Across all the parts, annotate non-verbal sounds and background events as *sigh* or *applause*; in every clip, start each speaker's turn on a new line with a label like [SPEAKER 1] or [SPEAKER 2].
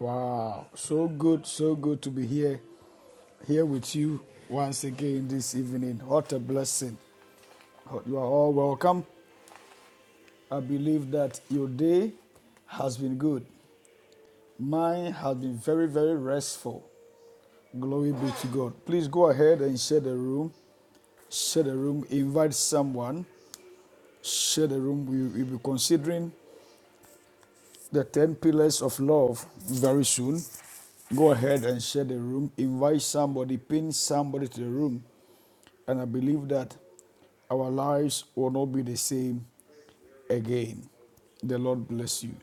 [SPEAKER 1] Wow, so good, so good to be here, here with you once again this evening. What a blessing. You are all welcome. I believe that your day has been good. Mine has been very, very restful. Glory be to God. Please go ahead and share the room. Share the room. Invite someone. Share the room. We will be considering the 10 pillars of love very soon go ahead and share the room. Invite somebody, pin somebody to the room. And I believe that our lives will not be the same again. The Lord bless you.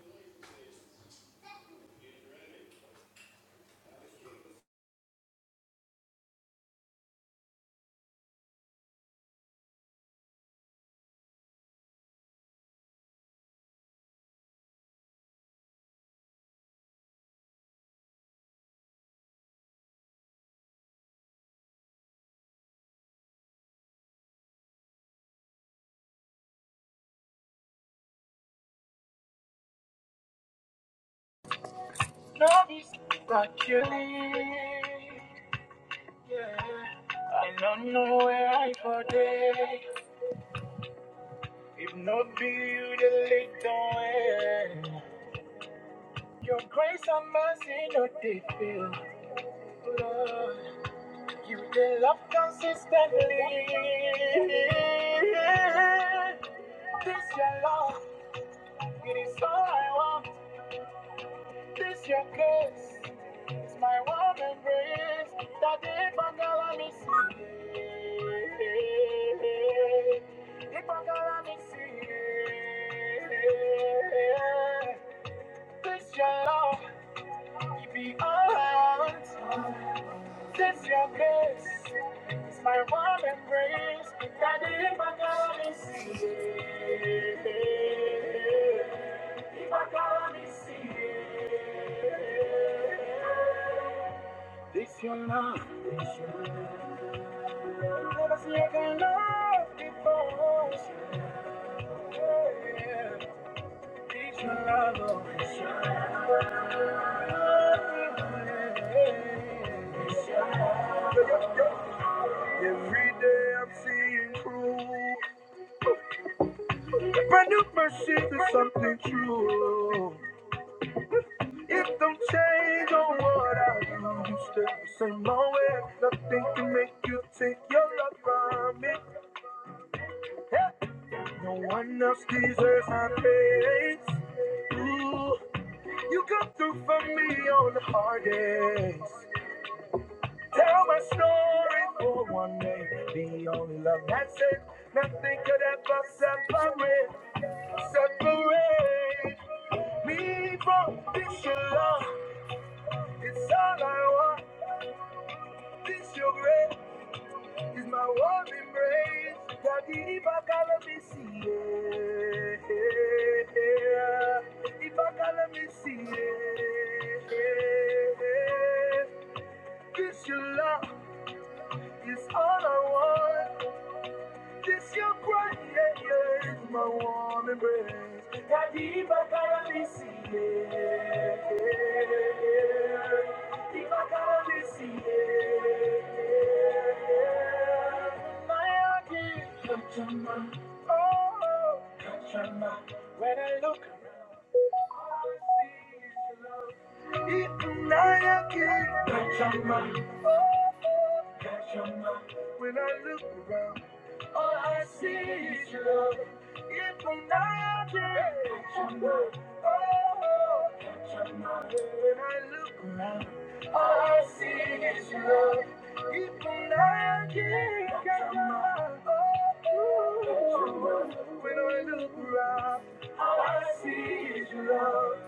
[SPEAKER 2] Love is like you live, yeah. I don't know where I for day. If not be you, the little way. Your grace and mercy, not they feel. Lord, you the love consistently. This your love, it is all I want. This your grace. It's my warm embrace that if I call I miss you. If I call I This your love, it be all I want. This your grace. It's my warm embrace that deep I call me see you. If I call I miss you. This your love, this your love. Never seen a kind of love before. Yeah. This your love, oh, this your love. This your love. Every day I'm seeing proof. Brand new mercy is something true. It don't change on what I do. You stay the same always. Nothing can make you take your love from me. Yeah. No one else deserves my praise. Ooh, you come through for me on the hard days. Tell my story for one day. The only love that's it. Nothing could ever separate, separate me from this your love. It's all I want. This your grace. It's my warm embrace. Daddy, if I call me see it. If I call me see it. This your love is all I want. Kiss your crying yeah, yeah, my warm embrace. Kadiba karamisi, yeah, yeah. Diba karamisi, my yeah. Mayagi, Kachama, oh, Kachama. When I look around, all I see is love. It's Ikunayaki, Kachama. Catch your love, when I look around, all I see is your love. If I'm not there, catch your love. Oh, catch your love. When I look around, all I see is your love. If I'm not there, catch your love. Oh, catch your love. When I look around, all I see is your love.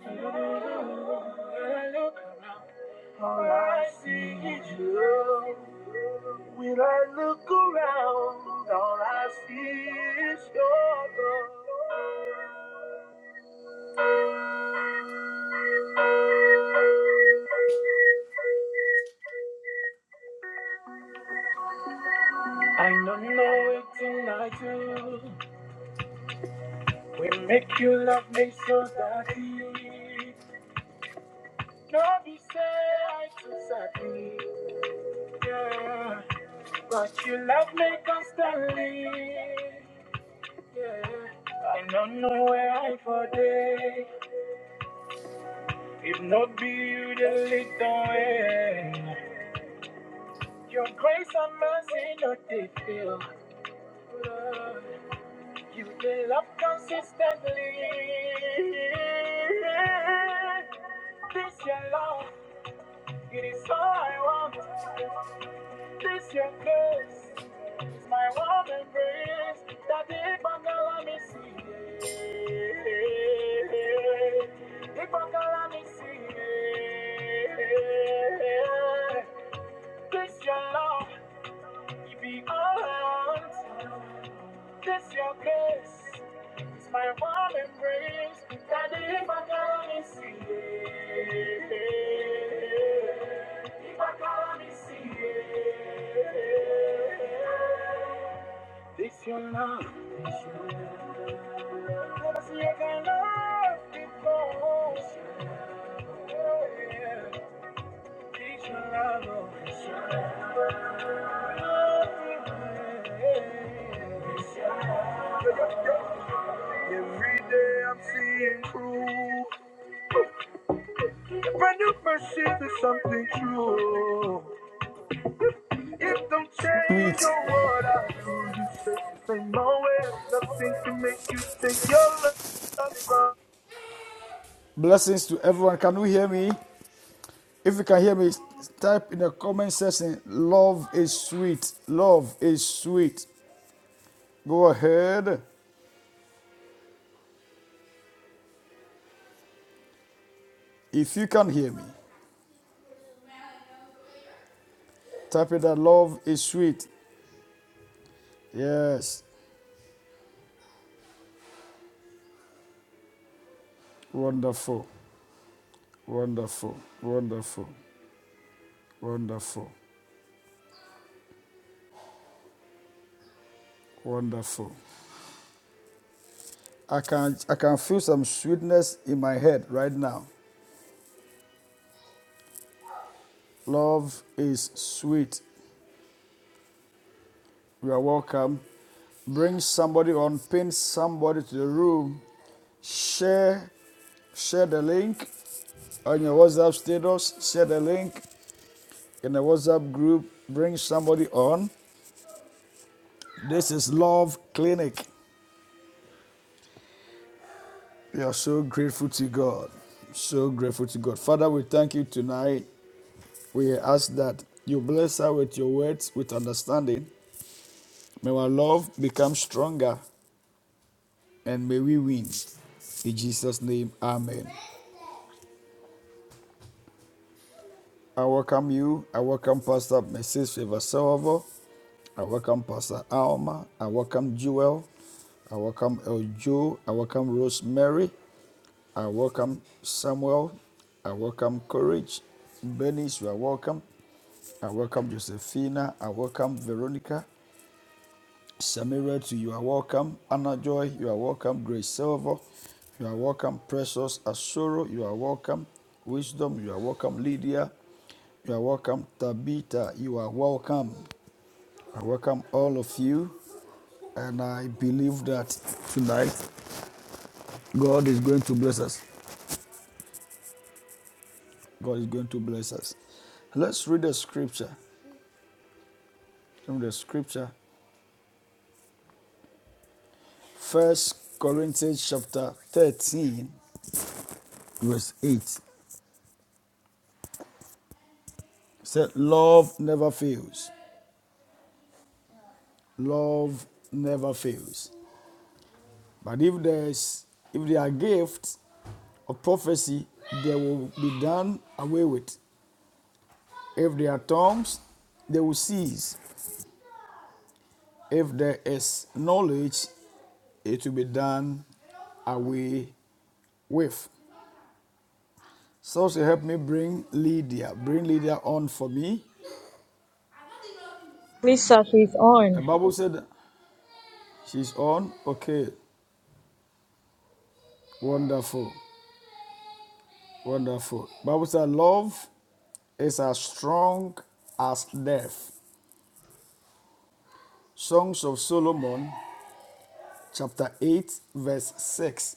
[SPEAKER 2] Oh, when I look. All I see is you. When I look around, all I see is your love. I don't know it till I do. We make you love me so daddy. not be sad, I too sadly. Yeah. But you love me constantly. Yeah. I don't know where I for day. If not be you, the little way. Your grace and mercy don't they fail. You will love consistently. This your love, it is all I want. This your grace, is my warm embrace. That if I can let me see, if I can let me see, this your love, it be all I want. This your kiss, it's my warm embrace. That if I can only see it, if I can only see it. This your love. this your love, Cause you can love before. This your love. oh, This your love. oh, yeah. This your love. Every day I'm seeing proof. Brand new mercy to something true. It don't change
[SPEAKER 1] Sweet
[SPEAKER 2] on what I do. You said the same always. Nothing can make you take your love. from-
[SPEAKER 1] blessings to everyone. Can you hear me? If you can hear me, type in the comment section love is sweet. Love is sweet. Go ahead. If you can hear me, type in that love is sweet. Yes. Wonderful. Wonderful. Wonderful. Wonderful. Wonderful. I can I can feel some sweetness in my head right now. Love is sweet. You are welcome. Bring somebody on, pin somebody to the room. Share, share the link on your WhatsApp status. Share the link in the WhatsApp group. Bring somebody on. This is Love Clinic. We are so grateful to God. So grateful to God. Father, we thank you tonight. We ask that you bless us with your words, with understanding. May our love become stronger and may we win. In Jesus' name, Amen. I welcome you. I welcome Pastor Mrs. Favor Salvo. I welcome Pastor Alma. I welcome Jewel. I welcome El Jo. I welcome Rosemary. I welcome Samuel. I welcome Courage. Bernice, you are welcome. I welcome Josephina. I welcome Veronica. Samira, to you are welcome. Anna Joy, you are welcome. Grace Silver, you are welcome. Precious Asoro, you are welcome. Wisdom, you are welcome. Lydia, you are welcome. Tabitha, you are welcome. I welcome all of you. And I believe that tonight God is going to bless us. God is going to bless us. Let's read the scripture. From the scripture, First Corinthians chapter 13, verse 8. said love never fails. Love never fails. But if there's if there are gifts of prophecy, they will be done away with. If there are tongues, they will cease. If there is knowledge, it will be done away with. So she helped me bring Lydia. Bring Lydia on for me.
[SPEAKER 3] Lisa, she's
[SPEAKER 1] The
[SPEAKER 3] on.
[SPEAKER 1] Bible said she's on. Okay, wonderful. Wonderful. Bible says, Love is as strong as death. Songs of Solomon, chapter 8, verse 6.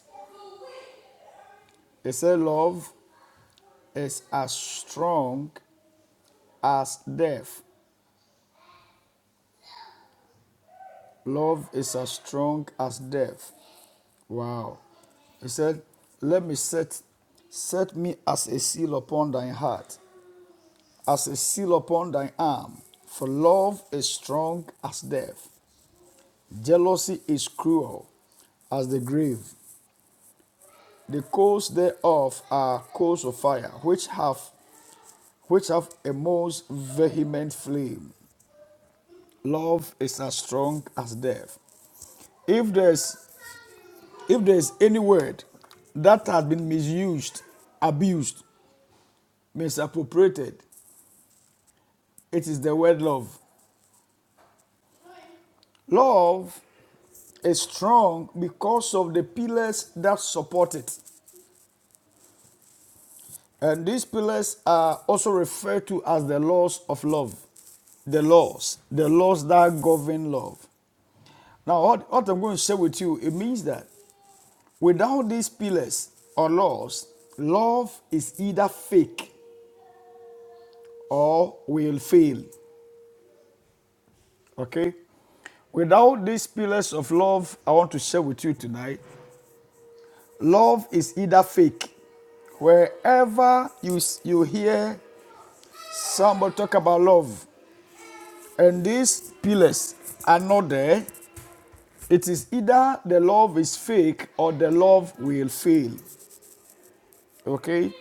[SPEAKER 1] It says, Love is as strong as death. Love is as strong as death. Wow. He said, Let me set, set me as a seal upon thine heart, as a seal upon thine arm, for love is strong as death. Jealousy is cruel as the grave. The coals thereof are coals of fire, which have which have a most vehement flame. Love is as strong as death. If there's if there's any word that has been misused, abused, misappropriated, it is the word love. Love is strong because of the pillars that support it. And these pillars are also referred to as the laws of love. The laws, the laws that govern love. Now, what, what I'm going to share with you, it means that without these pillars or laws, love is either fake or will fail. Okay? Without these pillars of love, I want to share with you tonight, love is either fake. Wherever you, you hear somebody talk about love, and these pillars are not there, it is either the love is fake or the love will fail. Okay?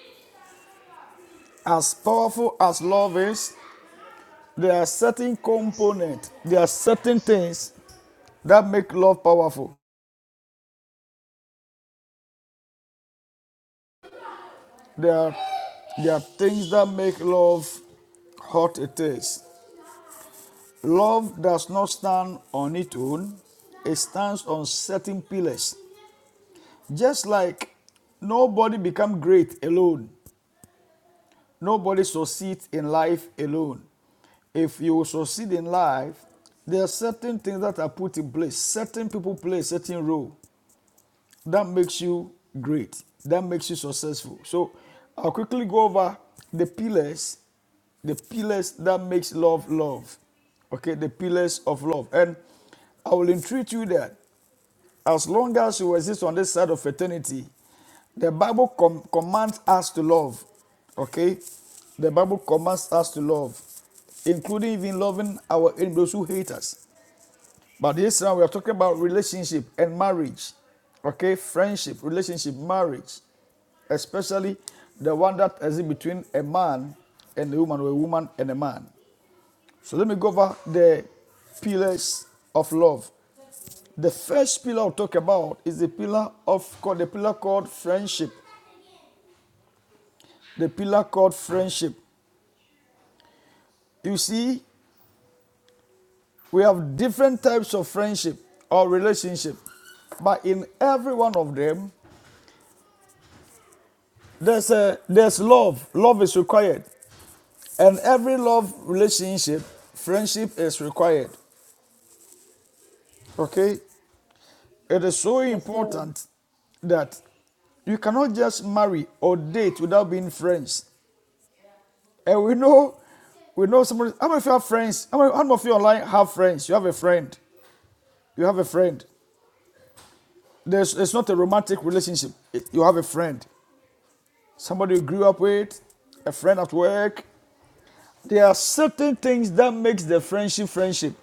[SPEAKER 1] As powerful as love is, there are certain components, there are certain things that make love powerful. There are, there are things that make love hot it is. Love does not stand on its own, it stands on certain pillars. Just like nobody becomes great alone. Nobody succeeds in life alone. If you succeed in life, there are certain things that are put in place. Certain people play a certain role that makes you great, that makes you successful. So I'll quickly go over the pillars, the pillars that makes love love. Okay, the pillars of love. And I will entreat you that as long as you exist on this side of eternity, the Bible com- commands us to love. Okay? The Bible commands us to love, including even loving our enemies who hate us. But this time we are talking about relationship and marriage. Okay? Friendship, relationship, marriage. Especially the one that exists between a man and a woman, or a woman and a man. So let me go over the pillars of love. The first pillar I'll talk about is the pillar of the pillar called friendship. The pillar called friendship. You see, we have different types of friendship or relationship, but in every one of them, there's a there's love. Love is required, and every love relationship, friendship is required. Okay, it is so
[SPEAKER 4] Yes, sir.
[SPEAKER 1] important that you cannot just marry or date without being friends. And we know, we know somebody. How many of you have friends? How many, how many of you online have friends? You have a friend. You have a friend. There's, it's not a romantic relationship. It- you have a friend. Somebody you grew up with, a friend at work. There are certain things that makes the friendship friendship.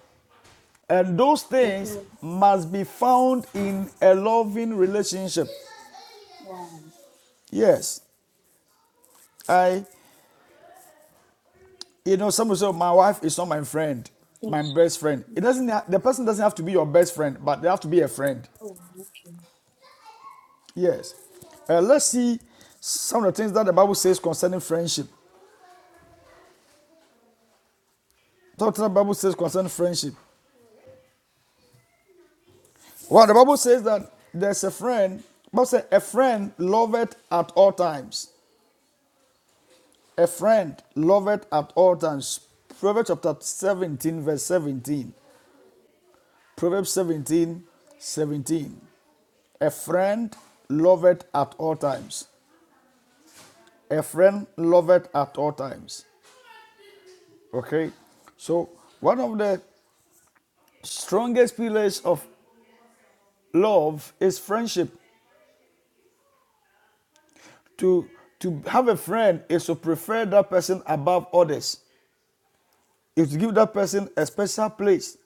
[SPEAKER 1] And those
[SPEAKER 4] Yes,
[SPEAKER 1] things
[SPEAKER 4] sir.
[SPEAKER 1] must be found in a loving relationship.
[SPEAKER 4] Wow.
[SPEAKER 1] Yes. I, you know, some people say, my wife is not my friend, my
[SPEAKER 4] Ish.
[SPEAKER 1] best friend. It doesn't,
[SPEAKER 4] Ish.
[SPEAKER 1] the person doesn't have to be your best friend, but they have to be a friend.
[SPEAKER 4] Oh, okay.
[SPEAKER 1] Yes. Uh, let's see some of the things that the Bible says concerning friendship. Talk to the Bible says concerning friendship. Well, the Bible says that there's a friend. The Bible says a friend loveth at all times. A friend loveth at all times. Proverbs chapter 17, verse 17. Proverbs 17 17. A friend loveth at all times. A friend loveth at all times. Okay? So, one of the strongest pillars of Love is friendship. To to have a friend is to prefer that person above others. Is to give that person a special place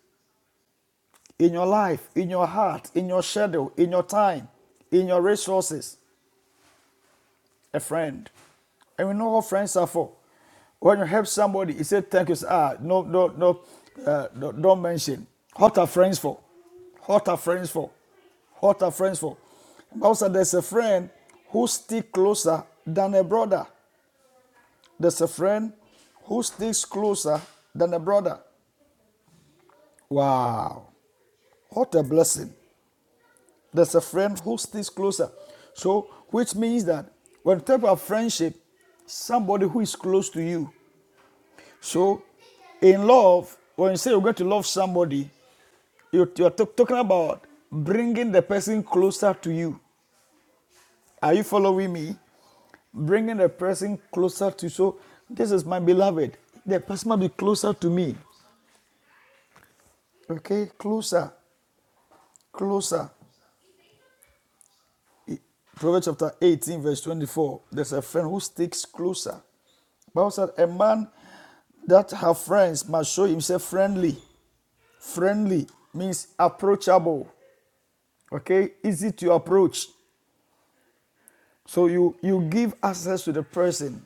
[SPEAKER 1] in your life, in your heart, in your schedule, in your time, in your resources. A friend. And we know what friends are for. When you help somebody, you say thank you. Ah, no, no, no, uh, no, don't mention. What are friends for? What are friends for? What are friends for? But also, there's a friend who stick closer than a brother. There's a friend who sticks closer than a brother. Wow, what a blessing. There's a friend who sticks closer. So, which means that when you talk about friendship, somebody who is close to you. So, in love, when you say you're going to love somebody, you- are talking about bringing the person closer to you. Are you following me? Bringing the person closer to you. So, this is my beloved. The person must be closer to me. Okay, closer. closer. Proverbs chapter 18, verse 24. There's a friend who sticks closer. Bible said, A man that have friends must show himself friendly. Friendly means approachable. Okay? Easy to approach. So you you give access to the person.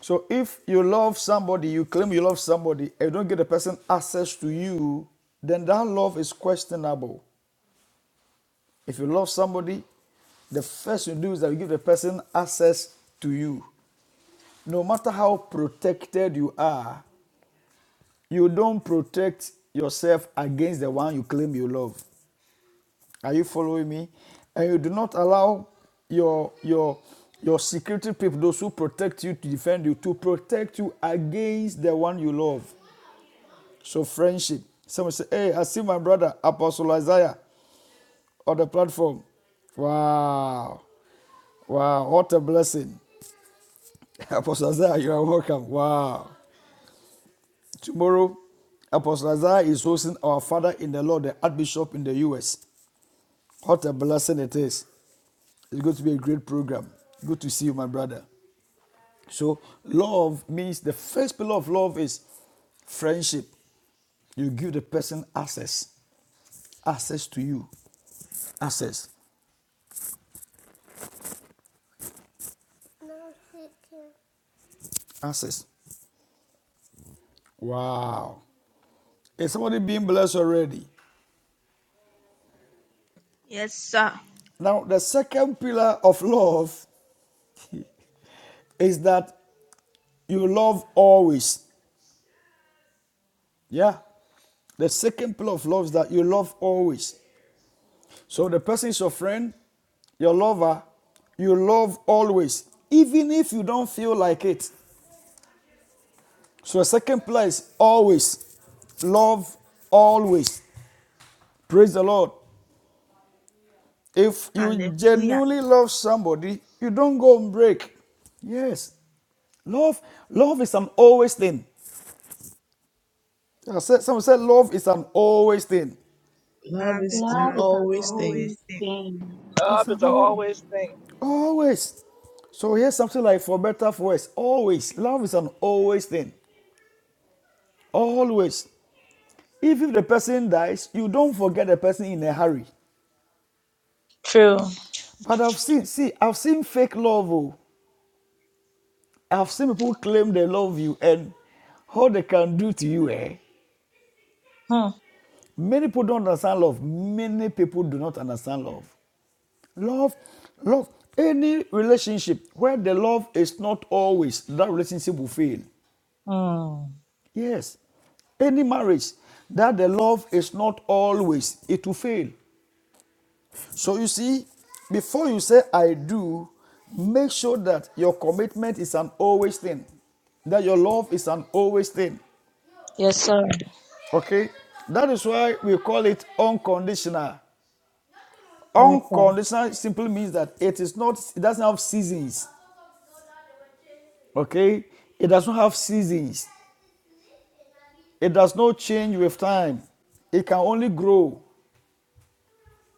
[SPEAKER 1] So if you love somebody, you claim you love somebody, and you don't give the person access to you, then that love is questionable. If you love somebody, the first you do is that you give the person access to you. no matter how protected you are, you don't protect yourself against the one you claim you love. Are you following me? And you do not allow your your your security people, those who protect you to defend you, to protect you against the one you love. So friendship. Someone say, "Hey, I see my brother Apostle Isaiah on the platform." Wow, wow, what a blessing, *laughs* Apostle Isaiah. You are welcome. Wow. Tomorrow, Apostle Lazar is hosting our father in the Lord, the Archbishop in the US. What a blessing it is. It's going to be a great program. Good to see you, my brother. So, love means the first pillar of love is friendship. You give the person access, access to you, access, access. Wow. Is somebody being blessed already?
[SPEAKER 5] Yes, sir.
[SPEAKER 1] Now, the second pillar of love is that you love always. Yeah. The second pillar of love is that you love always. So the person is your friend, your lover, you love always, even if you don't feel like it. So the second pillar is always. Love always. Praise the Lord. If you
[SPEAKER 5] Hallelujah.
[SPEAKER 1] genuinely love somebody, you don't go and break. Yes. Love, love is an always thing. I said, someone said love is an always thing.
[SPEAKER 6] Love
[SPEAKER 5] Love
[SPEAKER 6] is
[SPEAKER 5] is
[SPEAKER 6] an
[SPEAKER 4] Love
[SPEAKER 5] i
[SPEAKER 4] is an
[SPEAKER 6] always thing.
[SPEAKER 5] always
[SPEAKER 4] always
[SPEAKER 5] the
[SPEAKER 4] thing.
[SPEAKER 1] It's
[SPEAKER 7] Love
[SPEAKER 1] an
[SPEAKER 7] is an
[SPEAKER 1] all.
[SPEAKER 7] always thing.
[SPEAKER 1] Always. So here's something like for better, for worse. Always. Love is an always thing. Always. If, if the person dies, you don't forget the person in a hurry.
[SPEAKER 3] True.
[SPEAKER 1] But I've seen, see, I've seen fake love. Oh. I've seen people claim they love you and how they can do to you, eh?
[SPEAKER 3] Hmm.
[SPEAKER 1] Many people don't understand love. Many people do not understand love. Love, love. Any relationship where the love is not always, that relationship will fail.
[SPEAKER 3] Hmm.
[SPEAKER 1] Yes. Any marriage that the love is not always, it will fail. So you see, before you say I do, make sure that your commitment is an always thing, that your love is an always thing.
[SPEAKER 3] Yes, sir.
[SPEAKER 1] Okay? That is why we call it unconditional.
[SPEAKER 3] Yes, sir.
[SPEAKER 1] Unconditional simply means that it is not, it doesn't have seasons. Okay? It does not have seasons. It does not change with time. It can only grow.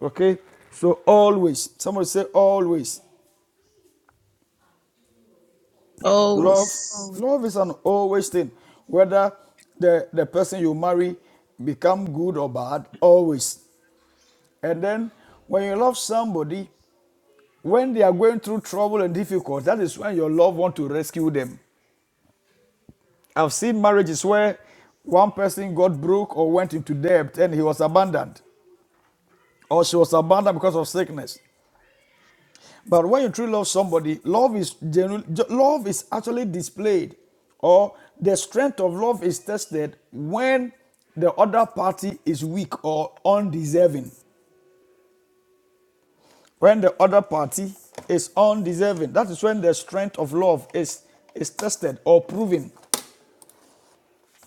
[SPEAKER 1] Okay? So always, somebody say always.
[SPEAKER 5] all
[SPEAKER 1] Love,
[SPEAKER 6] Always.
[SPEAKER 5] always
[SPEAKER 1] love is an always thing. Whether the, the person you marry become good or bad, always. And then when you love somebody, when they are going through trouble and difficult, that is when your love want to rescue them. I've seen marriages where one person got broke or went into debt and he was abandoned or she was abandoned because of sickness. But when you truly love somebody, love is genuine, love is actually displayed, or the strength of love is tested when the other party is weak or undeserving. When the other party is undeserving, that is when the strength of love is is tested or proven.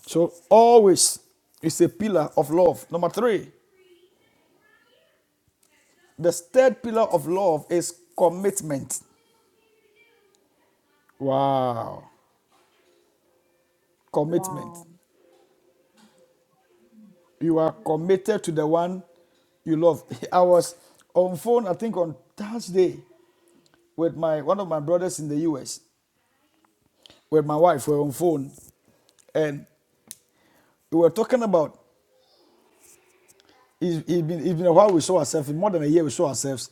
[SPEAKER 1] So always is a pillar of love. Number three, the third pillar of love is commitment. Wow, commitment.
[SPEAKER 4] Wow.
[SPEAKER 1] You are committed to the one you love. *laughs* I was on phone, I think on Thursday, with my one of my brothers in the US, with my wife. We were on phone, and we were talking about it's, it's, been, it's been a while we saw ourselves, more than a year we saw ourselves,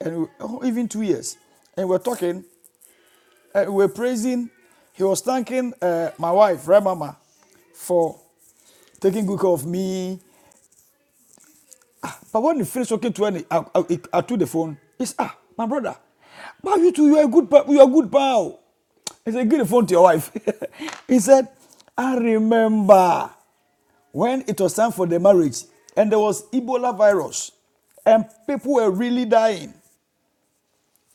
[SPEAKER 1] and we, oh, even two years. And we were talking, uh, we were praising, he was thanking uh, my wife, Red Mama, for taking good care of me, But when you finish talking to any, I, I, I took the phone. It's ah, my brother. But you two, you are a good, you are a good pal. He said, give the phone to your wife. *laughs* he said, I remember when it was time for the marriage, and there was Ebola virus, and people were really dying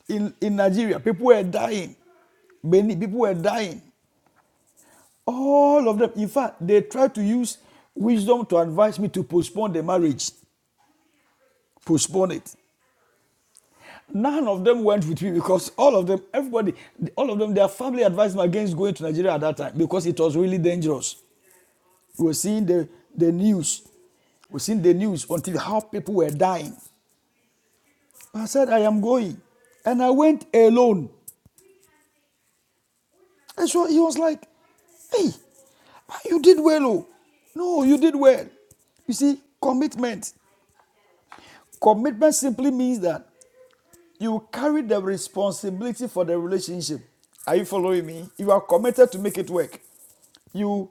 [SPEAKER 1] in, in Nigeria. People were dying. Many people were dying. All of them. In fact, they tried to use wisdom to advise me to postpone the marriage. Postpone it. None of them went with me because all of them, everybody, all of them, their family advised them against going to Nigeria at that time because it was really dangerous. We were seeing the, the news. We were seeing the news until how people were dying. I said, I am going. And I went alone. And so he was like, hey, ah, you did well. Oh. No, you did well. You see, commitment. Commitment simply means that You carry the responsibility for the relationship. Are you following me? You are committed to make it work. You,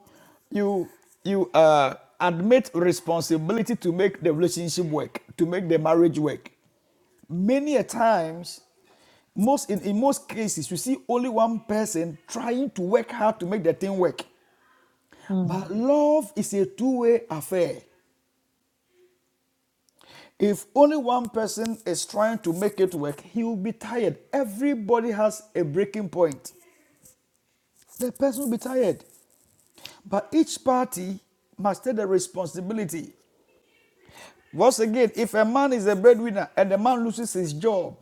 [SPEAKER 1] you, you uh, admit responsibility to make the relationship work, to make the marriage work. Many a times, most in, in most cases, you see only one person trying to work hard to make the thing work.
[SPEAKER 3] Hmm.
[SPEAKER 1] But love is a two-way affair. If only one person is trying to make it work, he will be tired. Everybody has a breaking point. the person will be tired. But each party must take the responsibility. Once again, if a man is a breadwinner and the man loses his job,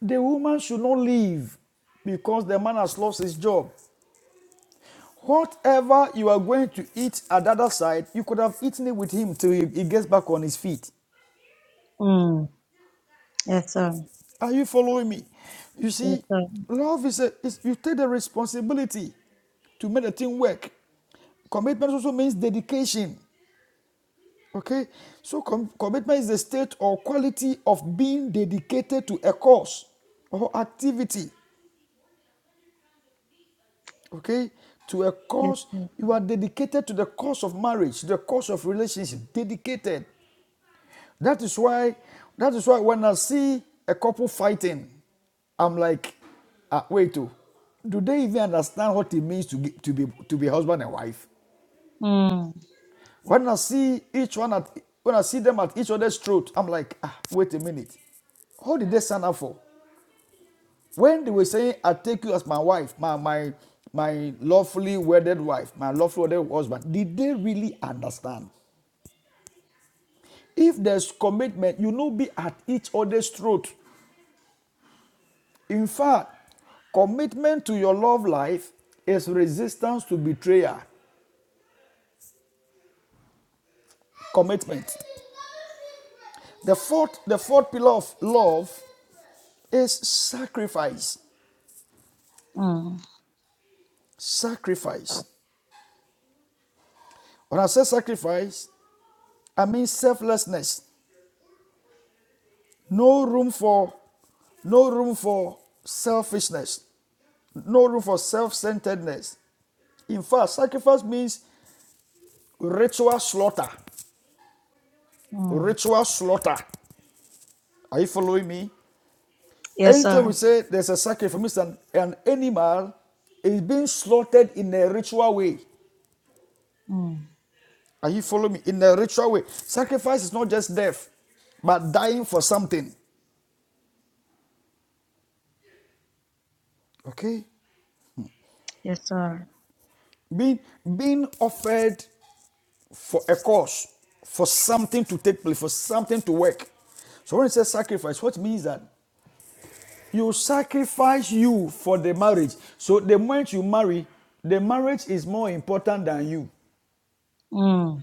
[SPEAKER 1] the woman should not leave because the man has lost his job. Whatever you are going to eat at the other side, you could have eaten it with him till he, he gets back on his feet.
[SPEAKER 3] Hmm. Yes, sir.
[SPEAKER 1] Are you following me? You
[SPEAKER 3] Yes,
[SPEAKER 1] see,
[SPEAKER 3] sir.
[SPEAKER 1] love is, a, is you take the responsibility to make the thing work. Commitment also means dedication. Okay, so com- commitment is the state or quality of being dedicated to a cause or activity. Okay, to a
[SPEAKER 3] Yes,
[SPEAKER 1] cause,
[SPEAKER 3] sir.
[SPEAKER 1] you are dedicated to the cause of marriage, the cause of relationship. Dedicated. That is why. That is why when I see a couple fighting, I'm like, ah, wait, oh, do they even understand what it means to, ge- to be to be husband and wife?
[SPEAKER 3] Hmm.
[SPEAKER 1] When I see each one at when I see them at each other's throat, I'm like, ah, wait a minute. How did they sign up for? When they were saying, I take you as my wife, my my my lawfully wedded wife, my lawfully wedded husband, did they really understand? If there's commitment, you know be at each other's throat. In fact, commitment to your love life is resistance to betrayal. Commitment. The fourth, the fourth pillar of love is sacrifice.
[SPEAKER 3] Hmm.
[SPEAKER 1] Sacrifice. When I say sacrifice, I mean selflessness. No room for no room for selfishness, no room for self-centeredness. In fact, sacrifice means ritual slaughter.
[SPEAKER 3] Hmm.
[SPEAKER 1] Ritual slaughter. Are you following me?
[SPEAKER 3] Yes,
[SPEAKER 1] Anytime
[SPEAKER 3] sir.
[SPEAKER 1] we say there's a sacrifice, for instance, an animal is being slaughtered in a ritual way.
[SPEAKER 3] Hmm.
[SPEAKER 1] Are you following me? In a ritual way. Sacrifice is not just death, but dying for something. Okay?
[SPEAKER 3] Yes, sir.
[SPEAKER 1] being being offered for a cause for something to take place for something to work so when it says sacrifice what means that you sacrifice you for the marriage so the moment you marry the marriage is more important than you
[SPEAKER 3] Hmm.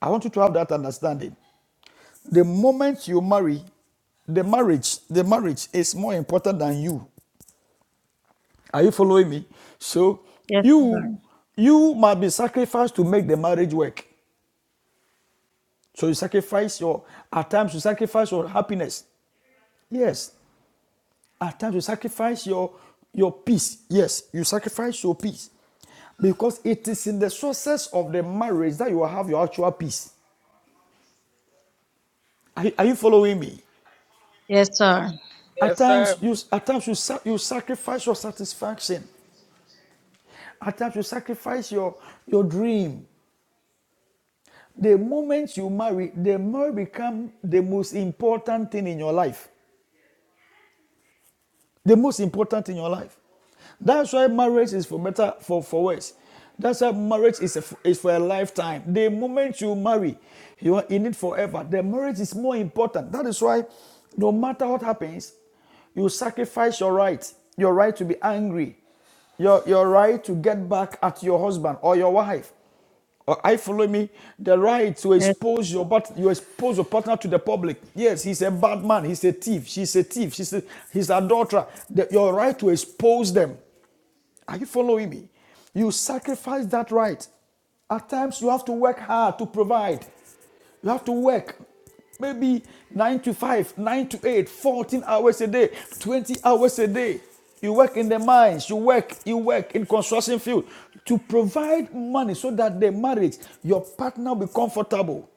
[SPEAKER 1] i want you to have that understanding the moment you marry the marriage the marriage is more important than you are you following me so
[SPEAKER 3] Yes,
[SPEAKER 1] you
[SPEAKER 3] sir.
[SPEAKER 1] you might be sacrificed to make the marriage work So you sacrifice your at times you sacrifice your happiness. Yes. At times you sacrifice your your peace. Yes, you sacrifice your peace. Because it is in the sources of the marriage that you will have your actual peace. Are, you- are you following me?
[SPEAKER 3] Yes, sir.
[SPEAKER 1] At
[SPEAKER 7] Yes, sir.
[SPEAKER 1] times you at times you, you sacrifice your satisfaction. At times you sacrifice your your dream. The moment you marry, the marriage become the most important thing in your life. the most important in your life. That's why marriage is for better, for, for worse. That's why marriage is, a, is for a lifetime. The moment you marry, you are in it forever. The marriage is more important. That is why, no matter what happens, you sacrifice your right, your right to be angry, your, your right to get back at your husband or your wife, or I follow me the right to
[SPEAKER 3] Yes.
[SPEAKER 1] expose your but you expose your partner to the public. Yes, he's a bad man. He's a thief. She's a thief. She's a, he's an adulterer. The- your right to expose them. Are you following me? You sacrifice that right. At times, you have to work hard to provide. You have to work maybe 9 to 5, 9 to 8, 14 hours a day, 20 hours a day. You work in the mines, you work, you work in construction field to provide money so that the marriage, your partner will be comfortable.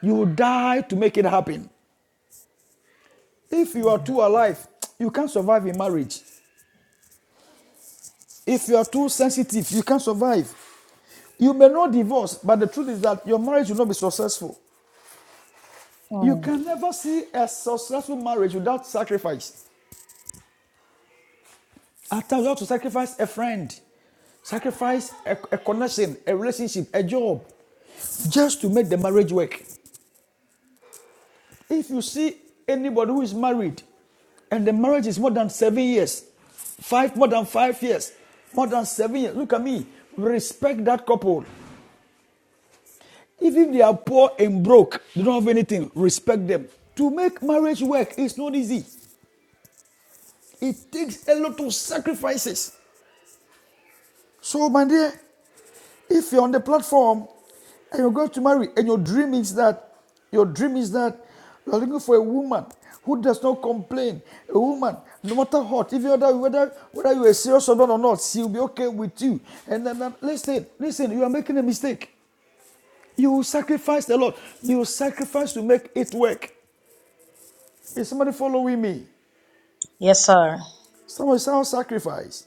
[SPEAKER 1] You die to make it happen. If you are too alive, you can't survive in marriage. If you are too sensitive, you can't survive. You may not divorce, but the truth is that your marriage will not be successful. You
[SPEAKER 3] Hmm.
[SPEAKER 1] can never see a successful marriage without sacrifice. At times, you have to sacrifice a friend, sacrifice a, a connection, a relationship, a job, just to make the marriage work. If you see anybody who is married and the marriage is more than seven years, five, more than five years, more than seven years, look at me, respect that couple. Even if they are poor and broke, they don't have anything, respect them. To make marriage work is not easy. It takes a lot of sacrifices. So, my dear, if you're on the platform and you're going to marry, and your dream is that your dream is that you're looking for a woman who does not complain, a woman, no matter what, even whether whether whether you are serious or not or not, she'll be okay with you. And then then listen, listen, you are making a mistake. You will sacrifice a lot. You will sacrifice to make it work. Is somebody following me?
[SPEAKER 3] Yes, sir.
[SPEAKER 1] Someone sound sacrifice.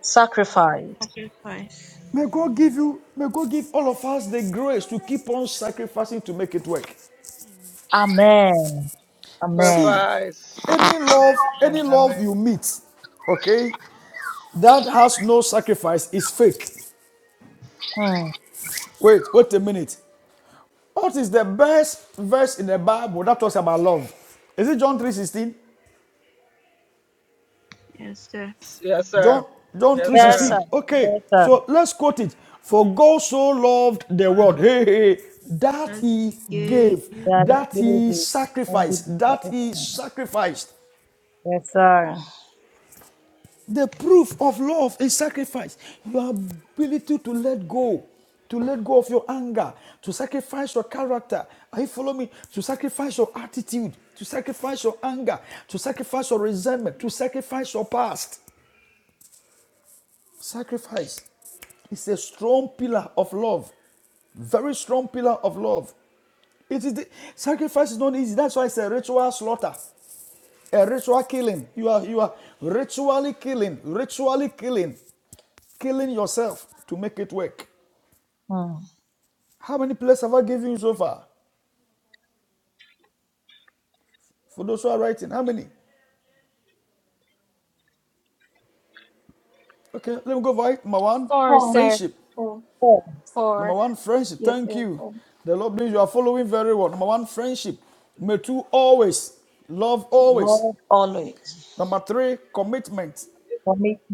[SPEAKER 3] Sacrifice.
[SPEAKER 5] Christ.
[SPEAKER 1] May God give you, may God give all of us the grace to keep on sacrificing to make it work.
[SPEAKER 5] Amen.
[SPEAKER 3] Amen. Amen.
[SPEAKER 1] See,
[SPEAKER 7] Sacrifice.
[SPEAKER 1] any love,
[SPEAKER 7] Amen.
[SPEAKER 1] any love
[SPEAKER 7] Amen.
[SPEAKER 1] you meet, okay, that has no sacrifice is fake.
[SPEAKER 3] Hmm.
[SPEAKER 1] Wait, wait a minute. What is the best verse in the Bible that talks about love? Is it John 3:16?
[SPEAKER 5] Yes, sir.
[SPEAKER 7] Yes, sir.
[SPEAKER 1] John John
[SPEAKER 7] Yes,
[SPEAKER 3] Yes,
[SPEAKER 7] sir.
[SPEAKER 3] sir.
[SPEAKER 1] 3:16. Okay,
[SPEAKER 3] Yes, sir.
[SPEAKER 1] so let's quote it. For God so loved the world,
[SPEAKER 5] follow
[SPEAKER 1] hey, hey, hey, that
[SPEAKER 5] As
[SPEAKER 1] he
[SPEAKER 5] he gave
[SPEAKER 1] gave,
[SPEAKER 5] you
[SPEAKER 3] God
[SPEAKER 1] that
[SPEAKER 3] give
[SPEAKER 1] he
[SPEAKER 3] it. Only the
[SPEAKER 1] sacrificed, that
[SPEAKER 3] best.
[SPEAKER 1] he sacrificed.
[SPEAKER 3] Yes, sir.
[SPEAKER 1] The proof of love is sacrifice. Your ability to let go, to let go of your anger, to sacrifice your character. Are you following me? To sacrifice your attitude, to sacrifice your anger, to sacrifice your resentment, to sacrifice your past. Sacrifice is a strong pillar of love. Very strong pillar of love. It is the, sacrifice is not easy. That's why it's a ritual slaughter, a ritual killing. You are you are ritually killing, ritually killing, killing yourself to make it work.
[SPEAKER 3] Hmm.
[SPEAKER 1] How many plays have I given you so far? For those who are writing, how many? Okay, let me go for it. Number one,
[SPEAKER 8] Four,
[SPEAKER 4] Four.
[SPEAKER 8] sir.
[SPEAKER 1] friendship.
[SPEAKER 4] Four.
[SPEAKER 1] Number
[SPEAKER 8] Four.
[SPEAKER 1] one, friendship.
[SPEAKER 4] Yes,
[SPEAKER 1] Thank
[SPEAKER 4] sir.
[SPEAKER 1] you.
[SPEAKER 4] Four.
[SPEAKER 1] The Lord bless you. You are following very well. Number one, friendship. Number two, always. Love always.
[SPEAKER 3] Love always,
[SPEAKER 1] Number three, commitment.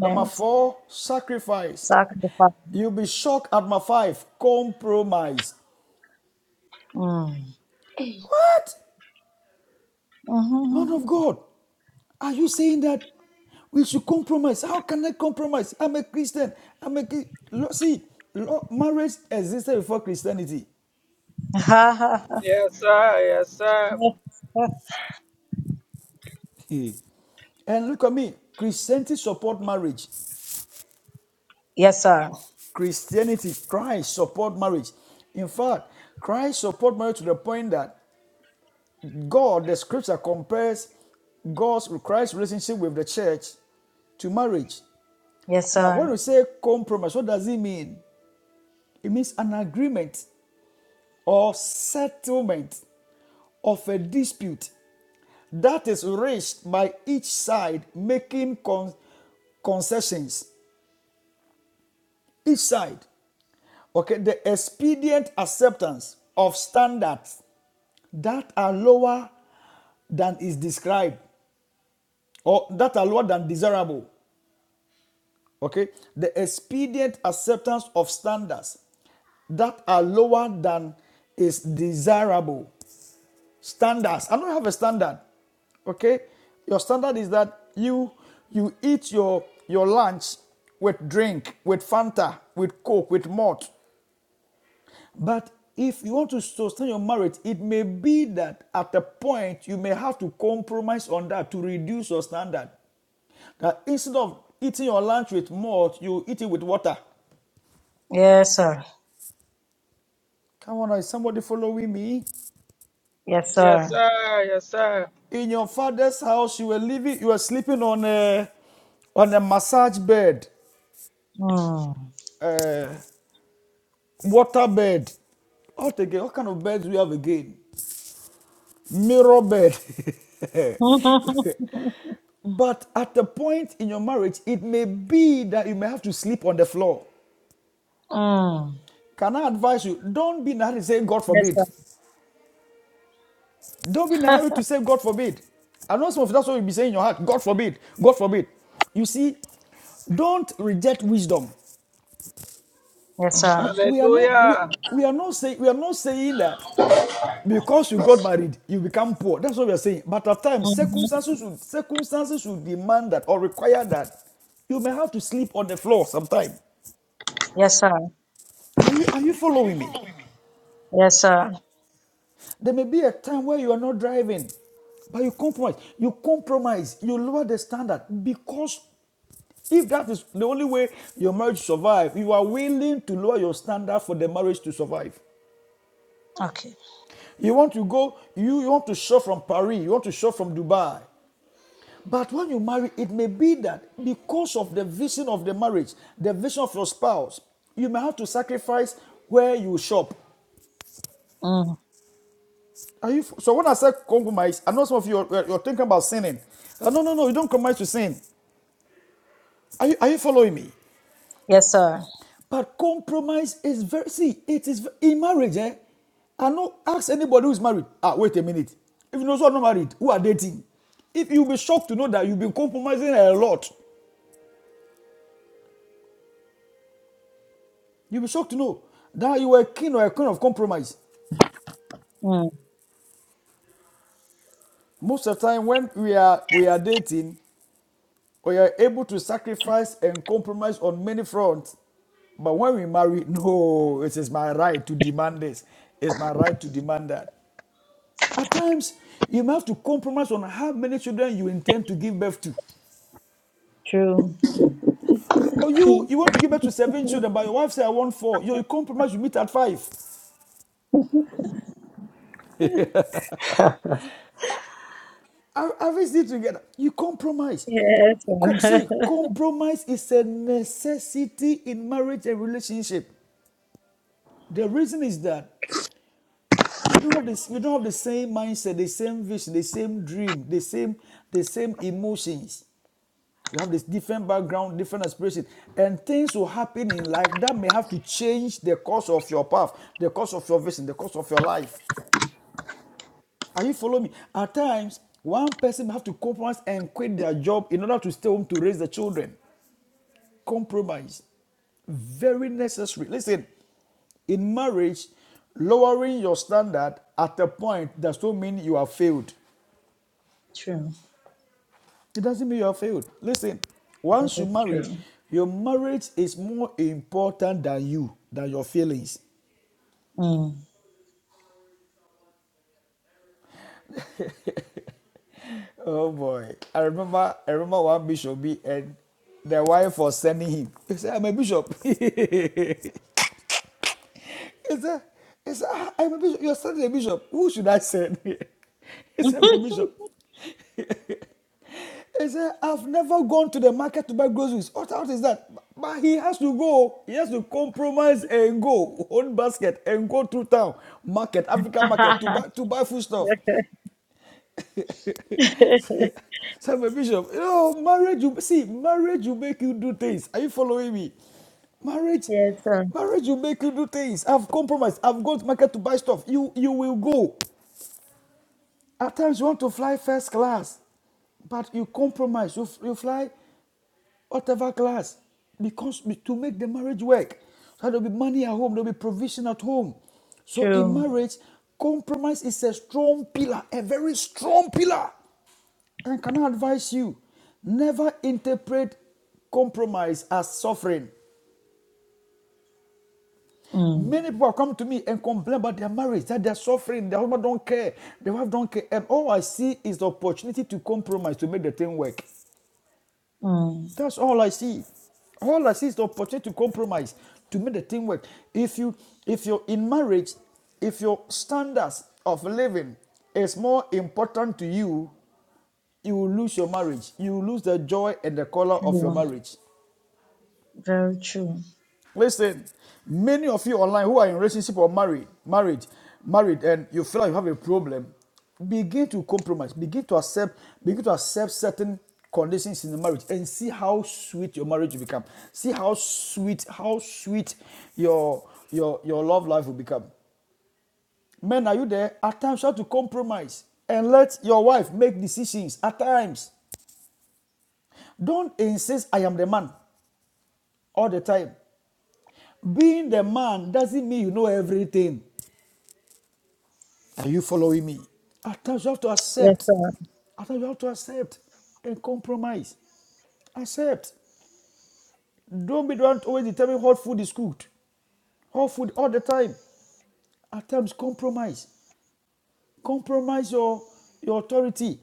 [SPEAKER 1] Number four, sacrifice. *laughs*
[SPEAKER 3] sacrifice.
[SPEAKER 1] You'll be shocked at number five, compromise.
[SPEAKER 3] Mm.
[SPEAKER 1] What? Man
[SPEAKER 3] Mm-hmm.
[SPEAKER 1] of God, are you saying that we should compromise? How can I compromise? I'm a Christian. I'm a see. Marriage existed before Christianity.
[SPEAKER 3] *laughs*
[SPEAKER 7] Yes, sir. Yes, sir.
[SPEAKER 1] *laughs* And look at me. Christianity support marriage.
[SPEAKER 3] yes, sir.
[SPEAKER 1] Christianity, Christ support marriage. In fact, Christ support marriage to the point that God, the scripture compares God's Christ's relationship with the church to marriage.
[SPEAKER 3] Yes,
[SPEAKER 1] Now,
[SPEAKER 3] sir.
[SPEAKER 1] when we say compromise, what does it mean? It means an agreement or settlement of a dispute that is reached by each side making con- concessions. Each side, okay, the expedient acceptance of standards that are lower than is described or that are lower than desirable Okay? The expedient acceptance of standards that are lower than is desirable. Standards. I don't have a standard. Okay? Your standard is that you you eat your your lunch with drink, with Fanta, with Coke, with malt. But if you want to sustain your marriage, it may be that at a point you may have to compromise on that to reduce your standard. That instead of eating your lunch with malt, you eat it with water.
[SPEAKER 3] Yes, sir.
[SPEAKER 1] Come on, is somebody following me?
[SPEAKER 3] Yes,
[SPEAKER 7] Yes,
[SPEAKER 3] sir.
[SPEAKER 7] sir. Yes, sir.
[SPEAKER 1] In your father's house, you were living, you were sleeping on a on a massage bed,
[SPEAKER 3] Mm.
[SPEAKER 1] uh, water bed. What again? What kind of beds do we have again? Mirror bed. *laughs*
[SPEAKER 3] *laughs*
[SPEAKER 1] but at the point in your marriage, it may be that you may have to sleep on the floor.
[SPEAKER 3] mm.
[SPEAKER 1] Can I advise you? Don't be naive. and Say, God
[SPEAKER 3] Yes,
[SPEAKER 1] forbid.
[SPEAKER 3] sir.
[SPEAKER 1] Don't be in a
[SPEAKER 3] *laughs*
[SPEAKER 1] hurry to say, God forbid. I know some of that's what you'll be saying in your heart. God forbid. God forbid. You see, don't reject wisdom.
[SPEAKER 3] yes, sir.
[SPEAKER 1] We, we are not we,
[SPEAKER 7] Hallelujah.
[SPEAKER 1] we are not saying we are not saying that because you got married, you become poor. That's what we are saying. But at times,
[SPEAKER 3] hmm
[SPEAKER 1] circumstances should circumstances should demand that or require that. You may have to sleep on the floor sometime.
[SPEAKER 3] Yes, sir.
[SPEAKER 1] Are you are you following me?
[SPEAKER 3] Yes, sir.
[SPEAKER 1] There may be a time where you are not driving, but you compromise. You compromise. You lower the standard because If that is the only way your marriage survives, you are willing to lower your standard for the marriage to survive.
[SPEAKER 3] Okay.
[SPEAKER 1] You want to go, you, you want to shop from Paris, you want to shop from Dubai. But when you marry, it may be that because of the vision of the marriage, the vision of your spouse, you may have to sacrifice where you shop.
[SPEAKER 3] Mm.
[SPEAKER 1] Are you so when I say compromise, I know some of you are, you're thinking about sinning. Uh, no, no, no, you don't compromise to sin. Are you, are you following me?
[SPEAKER 3] Yes, sir.
[SPEAKER 1] But compromise is very see, it is in marriage, eh? I know ask anybody who is married. Ah, wait a minute. If you know someone not married, who are dating? If you'll be shocked to know that you've been compromising a lot. You'll be shocked to know that you were a king or a queen of compromise.
[SPEAKER 3] Mm.
[SPEAKER 1] Most of the time when we are we are dating, we are able to sacrifice and compromise on many fronts. But when we marry, *laughs* no, it is my right to demand this. It's my right to demand that. At times, you may have to compromise on how many children you intend to give birth to.
[SPEAKER 3] True.
[SPEAKER 1] Or you,
[SPEAKER 3] Mm.
[SPEAKER 1] you want to give birth to seven children, but your wife says, I want four. You, you compromise, you meet at five.
[SPEAKER 3] *laughs*
[SPEAKER 1] Have Arrange it together. You compromise.
[SPEAKER 3] yes,
[SPEAKER 1] Co-
[SPEAKER 3] sir.
[SPEAKER 1] see, compromise is a necessity in marriage and relationship. The reason is that we don't have this, we don't have the same mindset, the same vision, the same dream, the same, the same emotions. You have this different background, different aspirations, and things will happen in life that may have to change the course of your path, the course of your vision, the course of your life. Are you following me? At times, one person may have to compromise and quit their job in order to stay home to raise the children. Compromise, very necessary. Listen, in marriage, lowering your standard at a point does not mean you have failed.
[SPEAKER 3] *laughs* true.
[SPEAKER 1] It doesn't mean you have failed. Listen, once you
[SPEAKER 3] Very
[SPEAKER 1] marry,
[SPEAKER 3] true.
[SPEAKER 1] your marriage is more important than you, than your feelings.
[SPEAKER 3] Mm.
[SPEAKER 1] Oh boy. I remember I remember one bishop and the wife was sending him. He said, I'm a bishop. *laughs* He said, he said, "Ah, I'm a bishop. Your son is a bishop. Who should I send? *laughs* He said, I'm a bishop. *laughs* He said, I've never gone to the market to buy groceries. What out is that? But he has to go. He has to compromise and go. Own basket and go to town, market, African market to buy to buy food stuff.
[SPEAKER 3] *laughs*
[SPEAKER 1] *laughs*
[SPEAKER 3] *laughs*
[SPEAKER 1] So my bishop, you know, marriage will see, marriage will make you do things. Are you following me? Marriage,
[SPEAKER 3] Yes, sir.
[SPEAKER 1] marriage will make you do things. I've compromised. I've gone to market to buy stuff. You you will go. At times you want to fly first class, but you compromise. You, f- you fly whatever class because to make the marriage work. So there'll be money at home, there'll be provision at home. So in
[SPEAKER 3] True.
[SPEAKER 1] marriage, compromise is a strong pillar, a very strong pillar. And can I advise you? Never interpret compromise as suffering.
[SPEAKER 3] Mm,
[SPEAKER 1] Many people have come to me and complain about their marriage, that they're suffering, their husband don't care, their wife don't care. And all I see is the opportunity to compromise to make the thing work.
[SPEAKER 3] mm,
[SPEAKER 1] That's all I see. All I see is the opportunity to compromise to make the thing work. If you if you're in marriage, if your standards of living is more important to you, you will lose your marriage. You will lose the joy and the color of your
[SPEAKER 3] true.
[SPEAKER 1] marriage.
[SPEAKER 3] Very true.
[SPEAKER 1] Listen, many of you online who are in relationship or married, married, married, and you feel like you have a problem, begin to compromise, begin to accept, begin to accept certain conditions in the marriage and see how sweet your marriage will become. See how sweet, how sweet your your your love life will become. Men, are you there? At times you have to compromise and let your wife make decisions at times. Don't insist I am the man all the time. Being the man doesn't mean you know everything. Are you following me? At times you have to
[SPEAKER 3] Yes,
[SPEAKER 1] accept.
[SPEAKER 3] sir.
[SPEAKER 1] At times you have to accept and compromise. Accept. Don't be the one to always determine what food is cooked. Hot food all the time. At times compromise. Compromise your, your authority.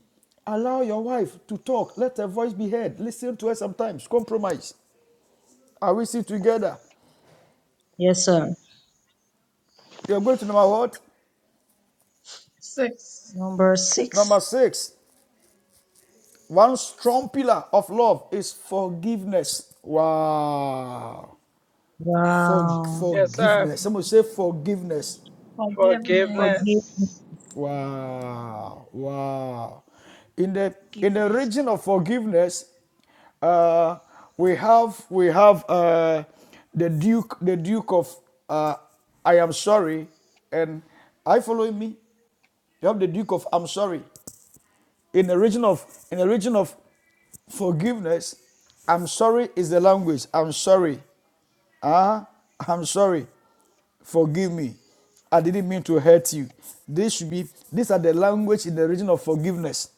[SPEAKER 1] Allow your wife to talk. Let her voice be heard. Listen to her sometimes. Compromise. Are we still together?
[SPEAKER 3] Yes, sir.
[SPEAKER 1] You're going to number what?
[SPEAKER 4] Six,
[SPEAKER 3] Number
[SPEAKER 1] Number
[SPEAKER 3] six.
[SPEAKER 1] six. One strong pillar of love is forgiveness. Wow. For,
[SPEAKER 3] Wow.
[SPEAKER 7] Yes, sir.
[SPEAKER 1] forgiveness. Someone say forgiveness.
[SPEAKER 4] forgiveness.
[SPEAKER 3] Forgive.
[SPEAKER 7] Forgiveness.
[SPEAKER 1] Wow. Wow. In the in the region
[SPEAKER 5] forgiveness.
[SPEAKER 1] of forgiveness, uh, we have we have uh, the Duke the Duke of uh, I am sorry, and I follow me. You have the Duke of I'm sorry. In the region of in the region of forgiveness, I'm sorry is the language. I'm sorry. Ah, uh, I'm sorry. Forgive me. I didn't mean to hurt you. This should be these are the language in the region of forgiveness.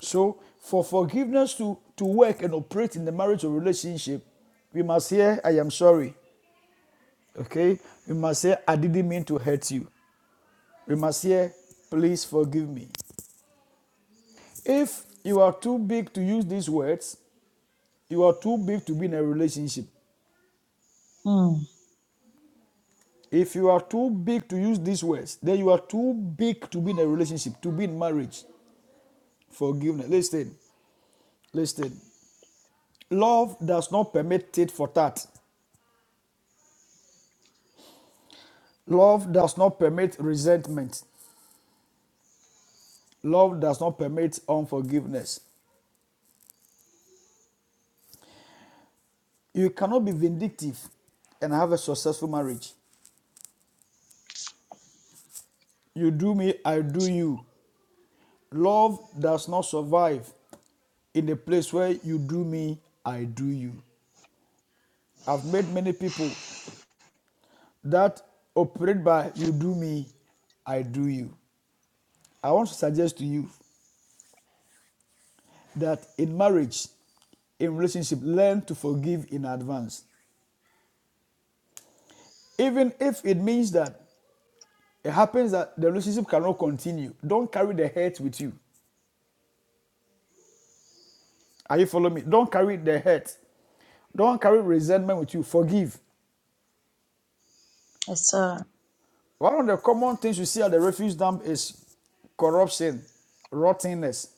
[SPEAKER 1] So for forgiveness to, to work and operate in the marriage or relationship, we must hear I am sorry. Okay? We must say I didn't mean to hurt you. We must hear please forgive me. If you are too big to use these words, you are too big to be in a relationship.
[SPEAKER 3] Mm,
[SPEAKER 1] If you are too big to use these words, then you are too big to be in a relationship, to be in marriage. Forgiveness. Listen, Listen, love does not permit tit for tat. Love does not permit resentment. Love does not permit unforgiveness. You cannot be vindictive and have a successful marriage. You do me, I do you. Love does not survive in the place where you do me, I do you. I've met many people that operate by you do me, I do you. I want to suggest to you that in marriage, in relationship, learn to forgive in advance. Even if it means that it happens that the relationship cannot continue, don't carry the hurt with you. Are you following me? Don't carry the hurt. Don't carry resentment with you. Forgive.
[SPEAKER 3] yes, sir.
[SPEAKER 1] One of the common things you see at the refuse dump is corruption, rottenness.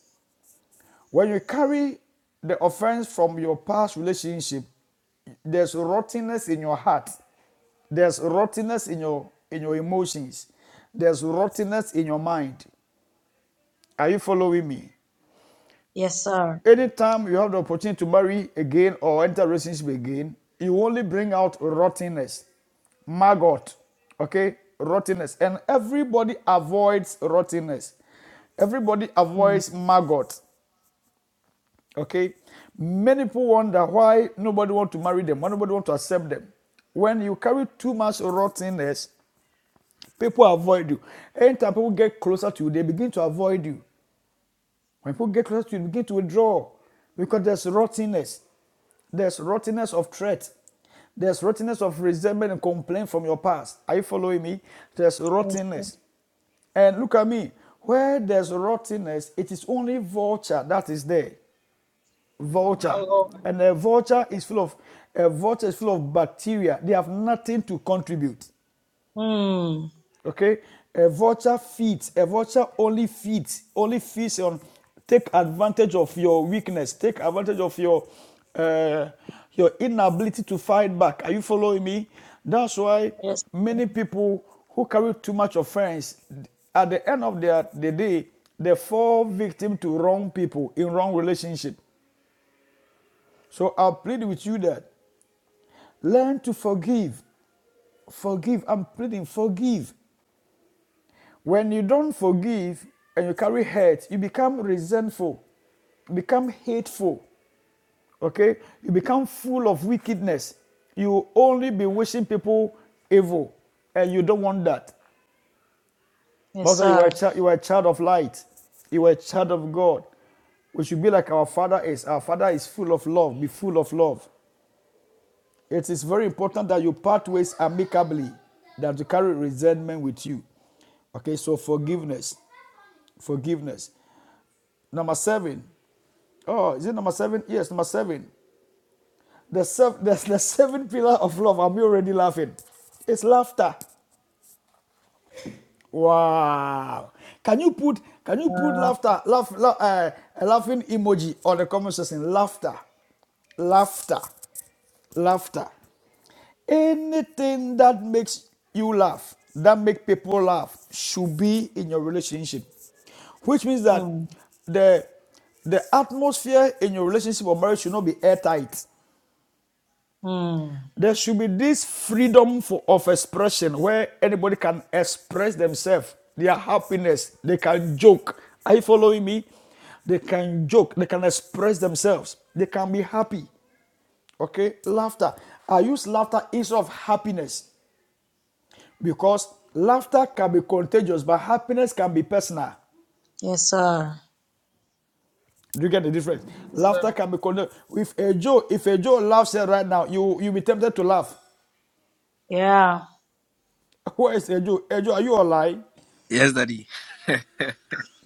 [SPEAKER 1] When you carry the offense from your past relationship, there's rottenness in your heart. There's rottenness in your in your emotions. There's rottenness in your mind. Are you following me?
[SPEAKER 3] Yes, sir.
[SPEAKER 1] Anytime you have the opportunity to marry again or enter a relationship again, you only bring out rottenness, maggot, okay, rottenness, and everybody avoids rottenness. Everybody
[SPEAKER 3] Mm,
[SPEAKER 1] avoids maggot. Okay, many people wonder why nobody want to marry them, why nobody want to accept them. When you carry too much rottenness, people avoid you. Anytime people get closer to you, they begin to avoid you. When people get closer to you, they begin to withdraw because there's rottenness. There's rottenness of threat. There's rottenness of resentment and complaint from your past. Are you following me? There's
[SPEAKER 3] yes, sir.
[SPEAKER 1] rottenness. And look at me. Where there's rottenness, it is only vulture that is there
[SPEAKER 7] My
[SPEAKER 1] vulture.
[SPEAKER 7] Lord.
[SPEAKER 1] And a vulture is full of a vulture is full of bacteria. They have nothing to contribute.
[SPEAKER 3] Mm,
[SPEAKER 1] Okay? A vulture feeds. A vulture only feeds, only feeds on take advantage of your weakness, take advantage of your uh, your inability to fight back. Are you following me? That's why
[SPEAKER 3] yes,
[SPEAKER 1] many people who carry too much offense at the end of their the day they fall victim to wrong people in wrong relationship. So I plead with you that Learn to forgive. Forgive. I'm pleading, forgive. When you don't forgive and you carry hurt, you become resentful, you become hateful, okay? You become full of wickedness. You only be wishing people evil, and you don't want that.
[SPEAKER 3] yes,
[SPEAKER 1] But you are
[SPEAKER 3] sir.
[SPEAKER 1] a child, you are a child of light, you are a child of God. We should be like our Father is. Our Father is full of love. Be full of love. It is very important that you part ways amicably, that you carry resentment with you. Okay, so forgiveness. Forgiveness. Number seven. Oh, is it number seven? Yes, number seven. The, sev- *laughs* the, the seven pillar of love. I'm already laughing. It's laughter. Wow. Can you put can you put
[SPEAKER 3] Uh,
[SPEAKER 1] laughter, laugh, laugh uh, a laughing emoji on the comment section? Laughter. Laughter. Laughter. Anything that makes you laugh, that make people laugh, should be in your relationship. Which means that
[SPEAKER 3] mm,
[SPEAKER 1] the the atmosphere in your relationship or marriage should not be airtight.
[SPEAKER 3] mm,
[SPEAKER 1] There should be this freedom for, of expression where anybody can express themselves, their happiness. They can joke. Are you following me? They can joke. They can express themselves. They can be happy. Okay? Laughter. I use laughter instead of happiness. Because laughter can be contagious, but happiness can be personal.
[SPEAKER 3] yes, sir.
[SPEAKER 1] Do you get the difference?
[SPEAKER 7] Yes,
[SPEAKER 1] Laughter
[SPEAKER 7] sir.
[SPEAKER 1] can be contagious. If a Joe, if a Joe laughs here right now, you you be tempted to laugh.
[SPEAKER 3] Yeah.
[SPEAKER 1] *laughs* Where is a Joe? A Joe, are you alive?
[SPEAKER 2] Yes, daddy.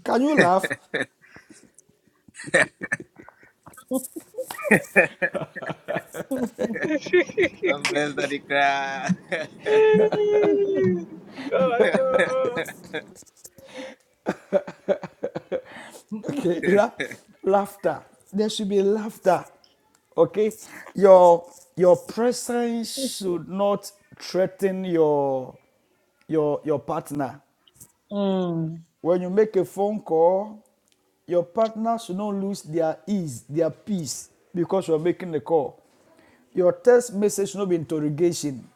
[SPEAKER 1] Can you laugh? *laughs*
[SPEAKER 3] *laughs*
[SPEAKER 2] God bless daddy cry.
[SPEAKER 7] *laughs* God, oh.
[SPEAKER 2] *laughs*
[SPEAKER 1] Okay, la- laughter. There should be laughter. Okay, your your presence should not threaten your your your partner.
[SPEAKER 3] Mm,
[SPEAKER 1] When you make a phone call, your partner should not lose their ease, their peace, because you're making the call. Your text message should not be interrogation,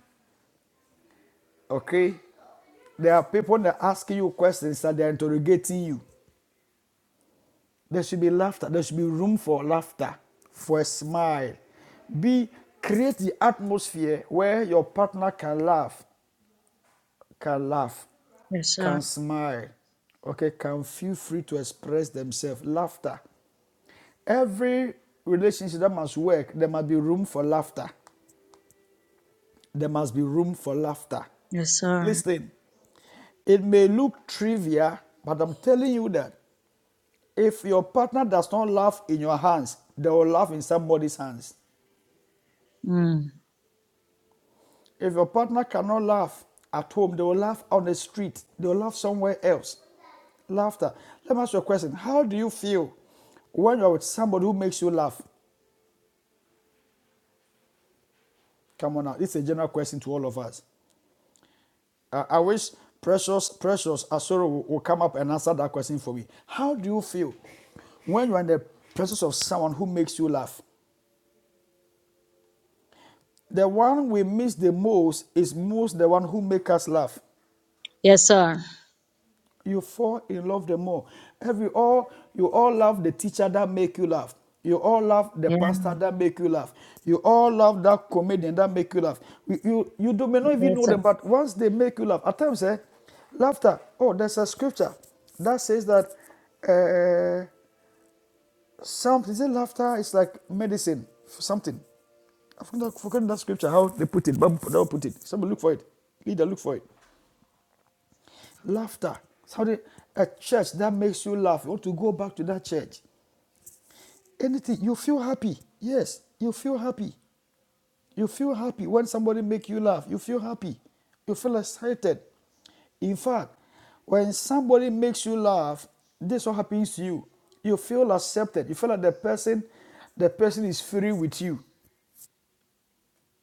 [SPEAKER 1] okay? There are people that are asking you questions that they're interrogating you. There should be laughter. There should be room for laughter, for a smile. Be create the atmosphere where your partner can laugh, can laugh,
[SPEAKER 3] yes,
[SPEAKER 1] can
[SPEAKER 3] sir.
[SPEAKER 1] smile, okay, can feel free to express themselves. Laughter. Every relationship that must work, there must be room for laughter. There must be room for laughter.
[SPEAKER 3] Yes, sir.
[SPEAKER 1] Listen, it may look trivial, but I'm telling you that if your partner does not laugh in your hands, they will laugh in somebody's hands.
[SPEAKER 3] Mm,
[SPEAKER 1] If your partner cannot laugh at home, they will laugh on the street, they will laugh somewhere else. Laughter. Let me ask you a question. How do you feel when you're with somebody who makes you laugh? Come on now. It's a general question to all of us. I, I wish Precious Precious Asoro will, will come up and answer that question for me. How do you feel when you're in the presence of someone who makes you laugh? The one we miss the most is most the one who makes us laugh.
[SPEAKER 3] yes, sir.
[SPEAKER 1] you fall in love the more. Every all you all love the teacher that make you laugh. You all love the
[SPEAKER 3] Yeah,
[SPEAKER 1] pastor that make you laugh. You all love that comedian that make you laugh. You you, you do may not even
[SPEAKER 3] yes,
[SPEAKER 1] know
[SPEAKER 3] sir.
[SPEAKER 1] them, but once they make you laugh, at times eh, laughter. Oh, there's a scripture that says that uh, some is it laughter It's like medicine for something. I've forgotten that scripture how they put it, but they'll put it. Somebody look for it. Leader, look for it. Laughter. Somebody, a church that makes you laugh. You want to go back to that church. Anything. You feel happy. Yes, you feel happy. You feel happy when somebody make you laugh. You feel happy. You feel excited. In fact, when somebody makes you laugh, this is what happens to you. You feel accepted. You feel like the person, the person is free with you.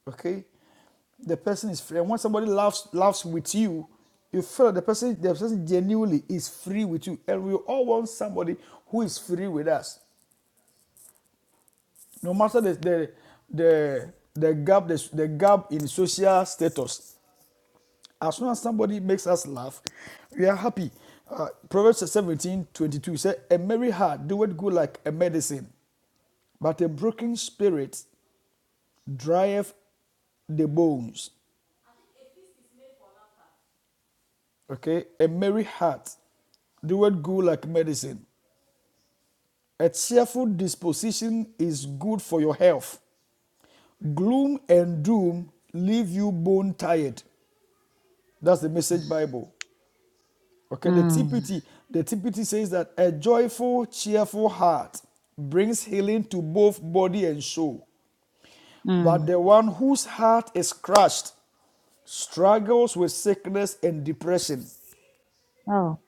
[SPEAKER 1] Okay? the person is free. And when somebody laughs laughs with you, you feel that the person the person genuinely is free with you. And we all want somebody who is free with us, no matter the the the, the gap the, the gap in social status. As soon as somebody makes us laugh, we are happy. Uh, Proverbs 17 22 says, A merry heart doeth good like a medicine, but a broken spirit drieth the bones. Okay, a merry heart doeth good like medicine. A cheerful disposition is good for your health. Gloom and doom leave you bone tired. That's the message Bible. Okay, the
[SPEAKER 3] Mm.
[SPEAKER 1] TPT, the TPT says that a joyful, cheerful heart brings healing to both body and soul. But
[SPEAKER 3] Mm.
[SPEAKER 1] the one whose heart is crushed struggles with sickness and depression.
[SPEAKER 3] Oh,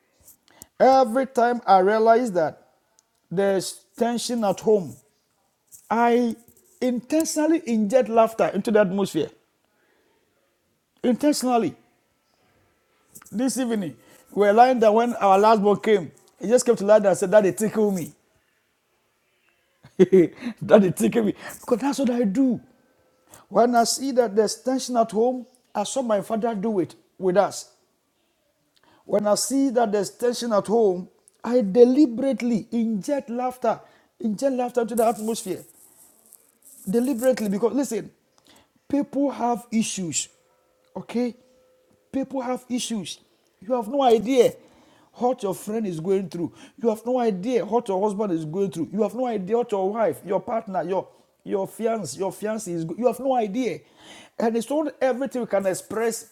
[SPEAKER 1] Every time I realize that there's tension at home, I intentionally inject laughter into the atmosphere. Intentionally. This evening, we were lying down when our last one came. He just came to lie down and said, Daddy, tickle me. *laughs* Daddy, tickle me. Because that's what I do. When I see that there's tension at home, I saw my father do it with us. When I see that there's tension at home, I deliberately inject laughter, inject laughter into the atmosphere. deliberately because listen people have issues okay people have issues you have no idea what your friend is going through you have no idea what your husband is going through you have no idea what your wife your partner your your fiance your fiance is you have no idea and it's not everything we can express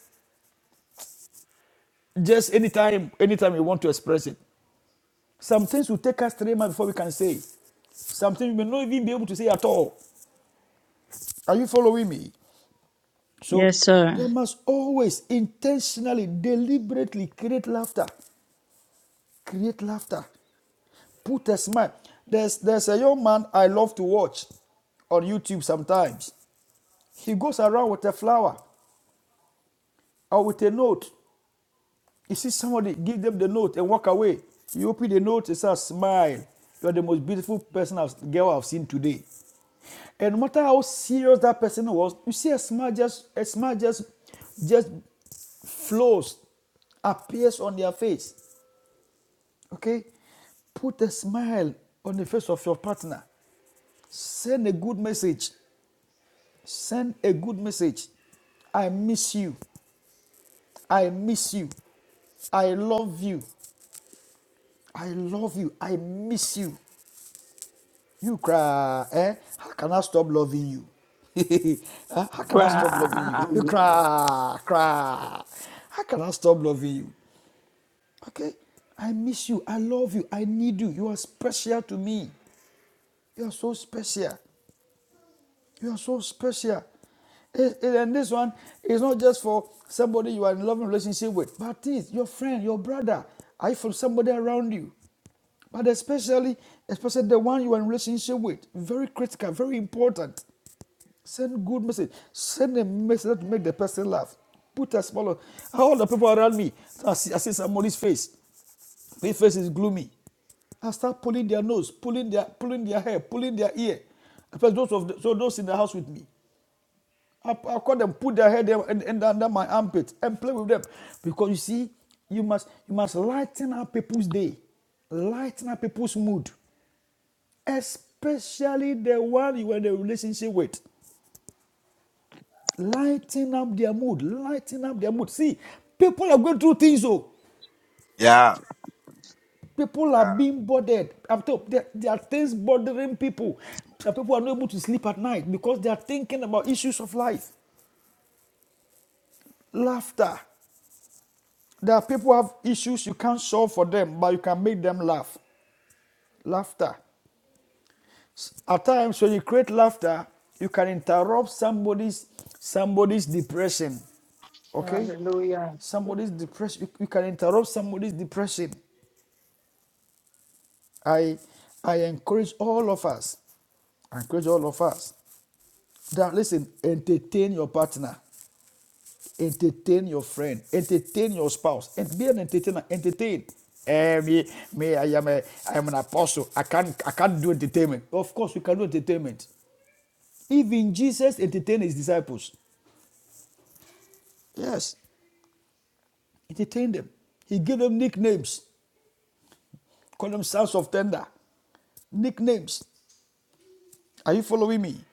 [SPEAKER 1] just anytime anytime you want to express it some things will take us three months before we can say it. something we may not even be able to say at all are you following me So
[SPEAKER 3] yes, sir.
[SPEAKER 1] they must always intentionally, deliberately create laughter. Create laughter. Put a smile. There's, there's a young man I love to watch on YouTube sometimes. He goes around with a flower or with a note. You see somebody, give them the note and walk away. You open the note, it says, smile. You are the most beautiful person, I've, girl I've seen today. And no matter how serious that person
[SPEAKER 4] Yes,
[SPEAKER 1] was, you see a smile just a smile just just flows, appears on their face. Okay? Put a smile on the face of your partner. Send a good message. Send a good message. I miss you. I miss you. I love you. I love you. I miss you. You cry, eh? How can I stop loving you? *laughs* Huh? How can I stop loving you? *laughs* You
[SPEAKER 7] Wow.
[SPEAKER 1] cry, cry. How can I stop loving you? Okay? I miss you. I love you. I need you. You are special to me. You are so special. You are so special. Eh, eh, And this one is not just for somebody you are in a loving relationship with, but it's your friend, your brother. I from somebody around you but especially especially the one you are in relationship with very critical very important Send good message. Send a message that make the person laugh. Put a smile on. All the people around me, I see, I see somebody's face. Their face is gloomy. I start pulling their nose, pulling their, pulling their hair, pulling their ear. First, those of the, so those in the house with me, I, I call them, put their head under my armpit and play with them, because you see, you must you must lighten up people's day, lighten up people's mood, especially the one you are in a relationship with. Lighten up their mood. Lighten up their mood. See, people are going through things, oh.
[SPEAKER 2] Yeah.
[SPEAKER 1] People are
[SPEAKER 2] yeah.
[SPEAKER 1] being bothered. I'm told there, there are things bothering people. That people are not able to sleep at night because they are thinking about issues of life. Laughter. There are people who have issues you can't solve for them, but you can make them laugh. Laughter. At times when you create laughter, you can interrupt somebody's somebody's depression. Okay?
[SPEAKER 7] Hallelujah.
[SPEAKER 1] somebody's depression. you can interrupt somebody's depression. I I encourage all of us. I encourage all of us. That listen, entertain your partner, entertain your friend, entertain your spouse, and be an entertainer. Entertain. Eh, me, me, I am a, I am an apostle. I can't, I can't do entertainment. Of course, we can do entertainment. Even Jesus entertained his disciples. Yes, entertain them. He gave them nicknames. Call them sons of thunder. Nicknames. Are you following me?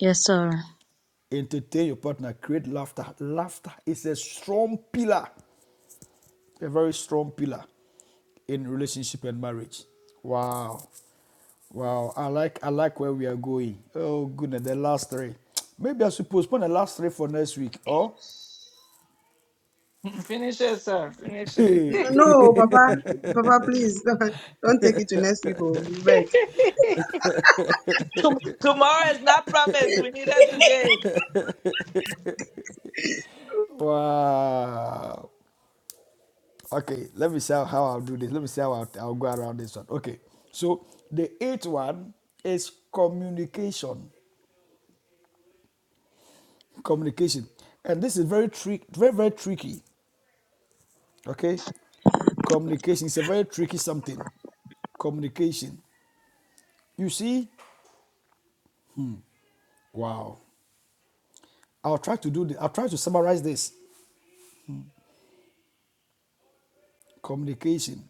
[SPEAKER 3] Yes, sir.
[SPEAKER 1] Entertain your partner, create laughter. Laughter is a strong pillar, a very strong pillar in relationship and marriage. Wow. Wow. I like I like where we are going. Oh goodness, the last three. Maybe I should postpone the last three for next week. Oh
[SPEAKER 7] Finish it, sir. Finish it.
[SPEAKER 6] N- No,
[SPEAKER 7] *laughs*
[SPEAKER 6] Papa, Papa, please *laughs* don't take it to next people. You beg.
[SPEAKER 7] Tom- Tomorrow is not promised. We need it today.
[SPEAKER 1] *laughs* wow. Okay, let me see how I'll do this. Let me see how I'll, I'll go around this one. Okay. So the eighth one is communication. communication and this is very trick very very tricky okay communication is a very tricky something communication you see wow i'll try to do this i'll try to summarize this communication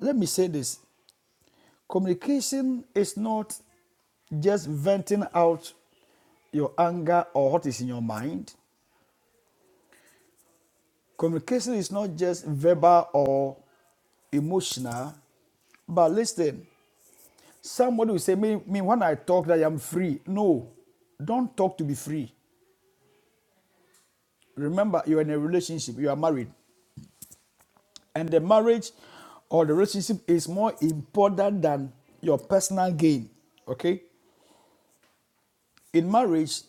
[SPEAKER 1] let me say this communication is not just venting out your anger or what is in your mind communication is not just verbal or emotional but listen Somebody will say, me, me, when I talk that I'm free. No, don't talk to be free. Remember, you're in a relationship, you are married. And the marriage or the relationship is more important than your personal gain. Okay? In marriage,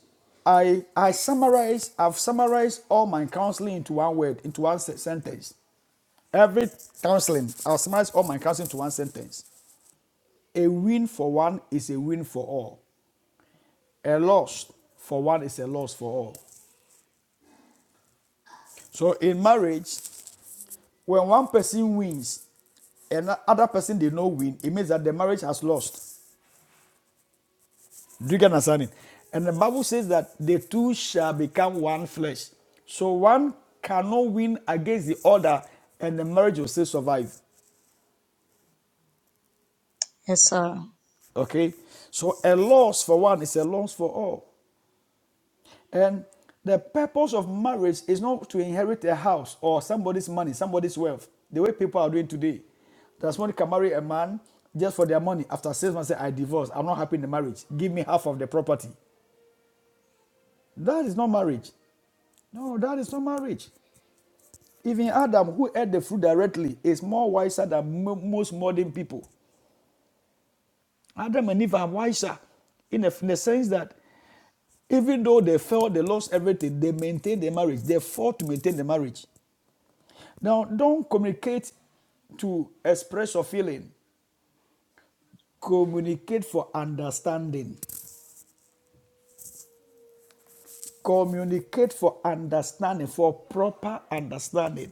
[SPEAKER 1] I I summarize, I've summarized all my counseling into one word, into one se- sentence. Every counseling, I'll summarize all my counseling to one sentence. A win for one is a win for all. A loss for one is a loss for all. So in marriage, when one person wins and other person did not win, it means that the marriage has lost. Do you understand it? And the Bible says that the two shall become one flesh. So one cannot win against the other, and the marriage will still survive.
[SPEAKER 3] Yes, sir.
[SPEAKER 1] Okay? So a loss for one is a loss for all. And the purpose of marriage is not to inherit a house or somebody's money, somebody's wealth, the way people are doing today. That's when you can marry a man just for their money. After six months, say, I divorce. I'm not happy in the marriage. Give me half of the property. That is not marriage. No, that is not marriage. Even Adam, who ate the fruit directly, is more wiser than mo- most modern people. Adam and Eve are wiser in the, in the sense that even though they fell, they lost everything, they maintained the marriage. They fought to maintain the marriage. Now, don't communicate to express your feeling. Communicate for understanding. Communicate for understanding, for proper understanding.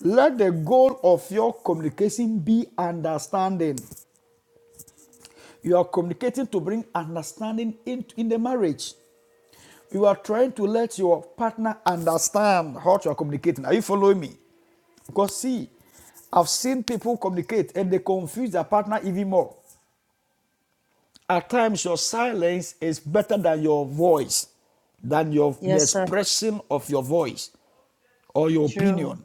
[SPEAKER 1] Let the goal of your communication be understanding. You are communicating to bring understanding in, in the marriage. You are trying to let your partner understand how you are communicating. Are you following me? Because see, I've seen people communicate and they confuse their partner even more. At times, your silence is better than your voice, than your the
[SPEAKER 3] Yes, sir.
[SPEAKER 1] expression of your voice or your
[SPEAKER 3] True.
[SPEAKER 1] opinion.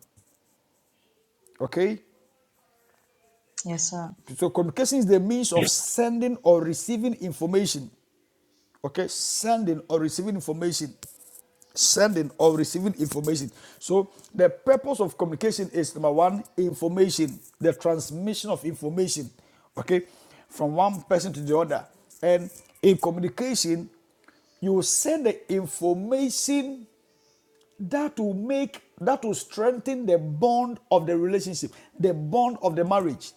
[SPEAKER 1] Okay?
[SPEAKER 3] Yes, sir.
[SPEAKER 1] So communication is the means of sending or receiving information. Okay? Sending or receiving information. Sending or receiving information. So the purpose of communication is number one, information, the transmission of information. Okay? From one person to the other. And in communication, You will send the information that will make, that will strengthen the bond of the relationship, the bond of the marriage.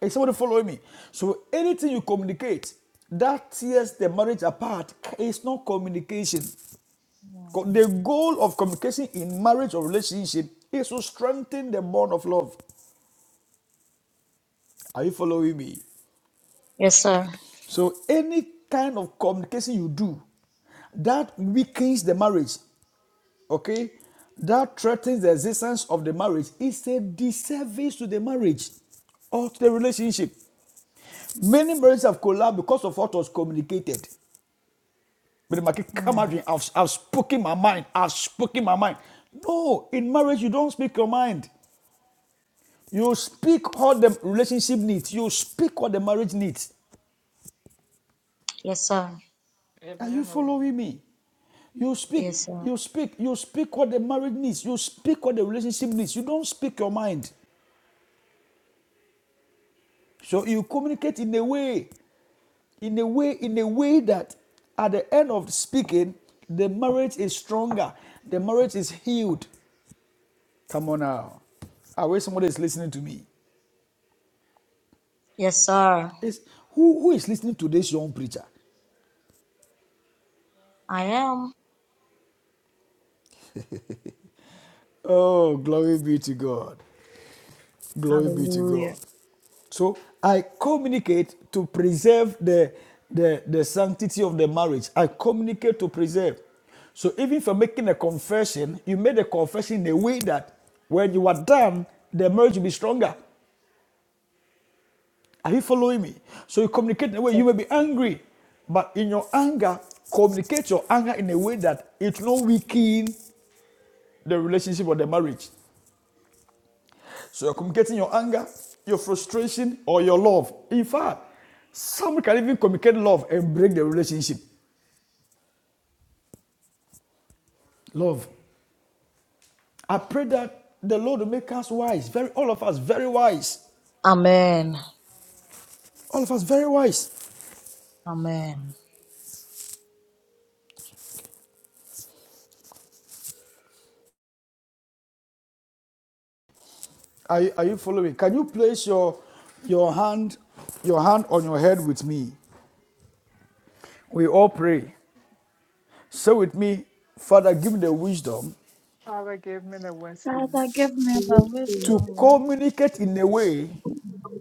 [SPEAKER 1] Is somebody following me? So anything you communicate that tears the marriage apart is not communication. The goal of communication in marriage or relationship is to strengthen the bond of love. Are you following me?
[SPEAKER 3] Yes, sir.
[SPEAKER 1] So any kind of communication you do that weakens the marriage okay, that threatens the existence of the marriage is a disservice to the marriage or to the relationship. Many marriages have collapsed because of what was communicated. But my kid, come
[SPEAKER 3] Mm.
[SPEAKER 1] out, I've, I've spoken my mind. I've spoken my mind. No, in marriage, you don't speak your mind. You speak what the relationship needs. You speak what the marriage needs.
[SPEAKER 3] Yes, sir.
[SPEAKER 1] Are you
[SPEAKER 7] Amen. Oh,
[SPEAKER 1] following me? You speak,
[SPEAKER 3] Yes, sir.
[SPEAKER 1] you speak, you speak what the marriage needs. You speak what the relationship needs. You don't speak your mind. So you communicate in a way, in a way, in a way that at the end of speaking, the marriage is stronger, the marriage is healed. Come on now. I wish somebody is listening to me.
[SPEAKER 3] Yes, sir.
[SPEAKER 1] It's, who, who is listening to this young preacher?
[SPEAKER 3] I am.
[SPEAKER 1] Oh, glory be to God. Glory be to
[SPEAKER 3] Hallelujah.
[SPEAKER 1] God. So I communicate to preserve the, the, the sanctity of the marriage. I communicate to preserve. So even for making a confession, you made a confession in a way that when you are done, the marriage will be stronger. Are you following me? So you communicate in a way you may be angry, but in your anger, communicate your anger in a way that it will not weaken the relationship or the marriage. So you're communicating your anger, your frustration, or your love. In fact, some can even communicate love and break the relationship. Love. I pray that the Lord will make us wise, very all of us very wise.
[SPEAKER 3] Amen.
[SPEAKER 1] All of us very wise.
[SPEAKER 3] Amen.
[SPEAKER 1] Are, you- are you following? Can you place your your hand, your hand on your head with me? We all pray. Say with me, Father, give me the wisdom
[SPEAKER 7] Father, give me the
[SPEAKER 4] sir.
[SPEAKER 7] wisdom
[SPEAKER 4] Father, give me the
[SPEAKER 1] to
[SPEAKER 4] wisdom
[SPEAKER 1] communicate in a way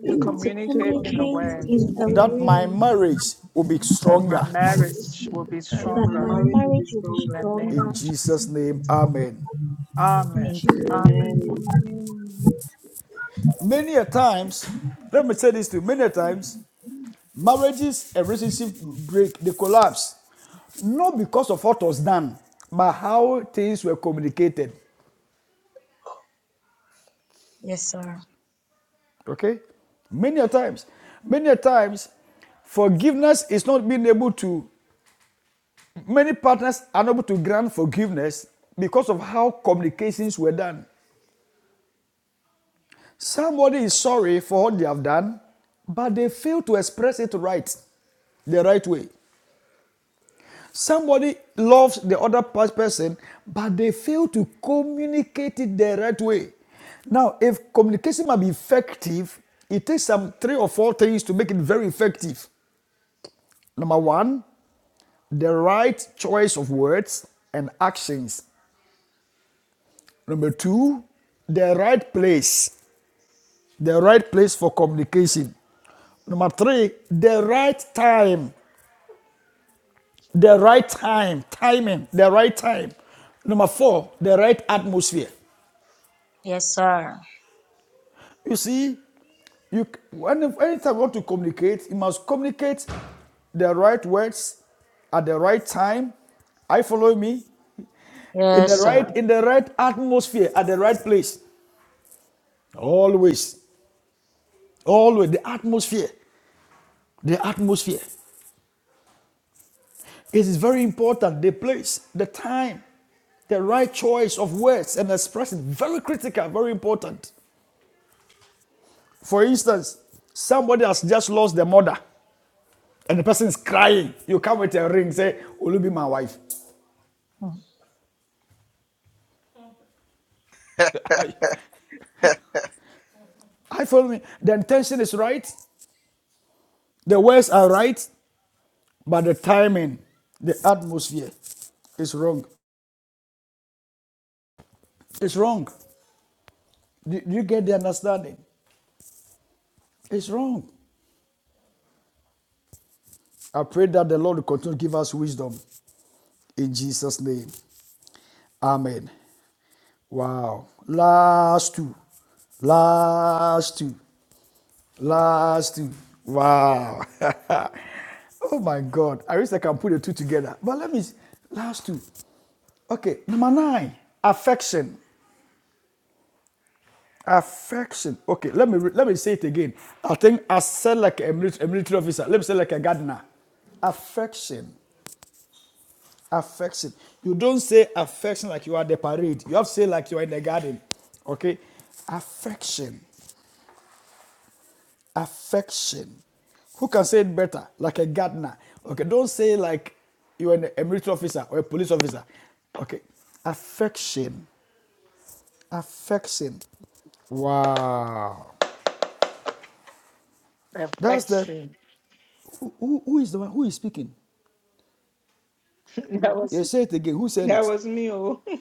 [SPEAKER 7] to
[SPEAKER 4] to
[SPEAKER 7] communicate in a
[SPEAKER 4] communicate
[SPEAKER 5] Communicate
[SPEAKER 7] way
[SPEAKER 5] in
[SPEAKER 4] in
[SPEAKER 5] a
[SPEAKER 4] a
[SPEAKER 5] way
[SPEAKER 1] that my
[SPEAKER 4] way
[SPEAKER 1] marriage will be
[SPEAKER 7] that my
[SPEAKER 1] stronger.
[SPEAKER 6] That
[SPEAKER 7] marriage will be
[SPEAKER 5] that
[SPEAKER 6] of
[SPEAKER 4] that
[SPEAKER 5] I
[SPEAKER 6] my
[SPEAKER 7] stronger
[SPEAKER 4] my
[SPEAKER 6] marriage will be
[SPEAKER 4] marriage will be
[SPEAKER 6] stronger.
[SPEAKER 7] than name of
[SPEAKER 1] In
[SPEAKER 4] stronger.
[SPEAKER 7] Jesus.
[SPEAKER 1] Jesus' name, Amen.
[SPEAKER 6] Amen.
[SPEAKER 4] In
[SPEAKER 7] Amen.
[SPEAKER 3] In-
[SPEAKER 4] Jesus'
[SPEAKER 7] Amen.
[SPEAKER 6] Amen.
[SPEAKER 4] name,
[SPEAKER 6] *laughs*
[SPEAKER 4] amen.
[SPEAKER 1] Many a times, let me say this to you, many a times, marriages and relationships break, they collapse. Not because of what was done, but how things were communicated.
[SPEAKER 3] yes, sir.
[SPEAKER 1] Okay? Many a times. Many a times, forgiveness is not being able to, many partners are not able to grant forgiveness because of how communications were done. Somebody is sorry for what they have done, but they fail to express it right, the right way. Somebody loves the other person, but they fail to communicate it the right way. Now, if communication might be effective, it takes some three or four things to make it very effective. Number one, the right choice of words and actions. Number two, the right place, the right place for communication. Number three, the right time The right time, timing, the right time. Number four, the right atmosphere.
[SPEAKER 3] Yes, sir.
[SPEAKER 1] You see, you when anytime you want to communicate, you must communicate the right words at the right time. I follow me in the
[SPEAKER 3] Yes, sir.
[SPEAKER 1] right in the right atmosphere at the right place. Always, always the atmosphere, the atmosphere. It is very important. The place, the time, the right choice of words and expression. Very critical. Very important. For instance, somebody has just lost their mother and the person is crying. You come with a ring, say, Will you be my wife?
[SPEAKER 3] Mm.
[SPEAKER 1] I, I follow me. The intention is right, the words are right, but the timing, the atmosphere is wrong. It's wrong. Do, you get the understanding? It's wrong. I pray that the Lord will continue to give us wisdom in Jesus' name. Amen. Wow. Last two. Last two. Last, week. wow. *laughs* oh my God. I wish I can put the two together. But let me, s- last two. Okay, number nine, affection. Affection. Okay, let me let me say it again. I think I said like a military, a military officer. Let me say like a gardener. Affection. Affection. You don't say affection like you are at the parade. You have to say like you are in the garden. Okay? Affection affection. Who can say it better? Like a gardener. Okay, don't say like you're an, a military officer or a police officer. Okay, affection, affection. Wow, that's the
[SPEAKER 7] Affection. *laughs*
[SPEAKER 1] who, who is the one who is speaking?
[SPEAKER 7] That was
[SPEAKER 1] Yeah, say it again. Who said
[SPEAKER 7] that
[SPEAKER 1] it?
[SPEAKER 7] was me. Oh, *laughs*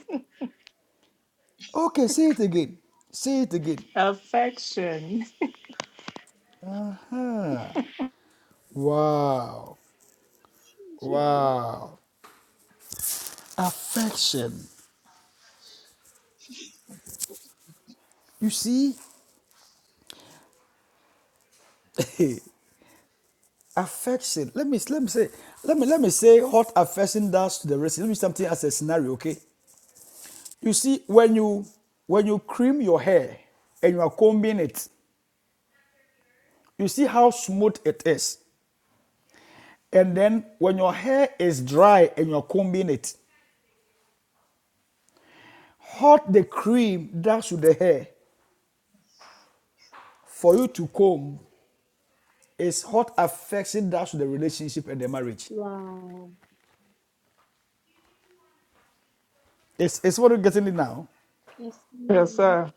[SPEAKER 1] Okay, say it again. Say it again.
[SPEAKER 7] affection.
[SPEAKER 1] Wow,
[SPEAKER 4] Thank you.
[SPEAKER 1] wow, affection. You see. *laughs* affection. Let me let me say let me let me say what affection does to the race. Let me something as a scenario, okay? You see, when you when you cream your hair and you are combing it, you see how smooth it is. And then when your hair is dry and you are combing it, what the cream does to the hair for you to comb is what affection does to the relationship and the marriage.
[SPEAKER 4] Wow.
[SPEAKER 1] It's, it's what you're getting it now.
[SPEAKER 4] Yes,
[SPEAKER 7] Yes,
[SPEAKER 4] ma'am.
[SPEAKER 7] sir.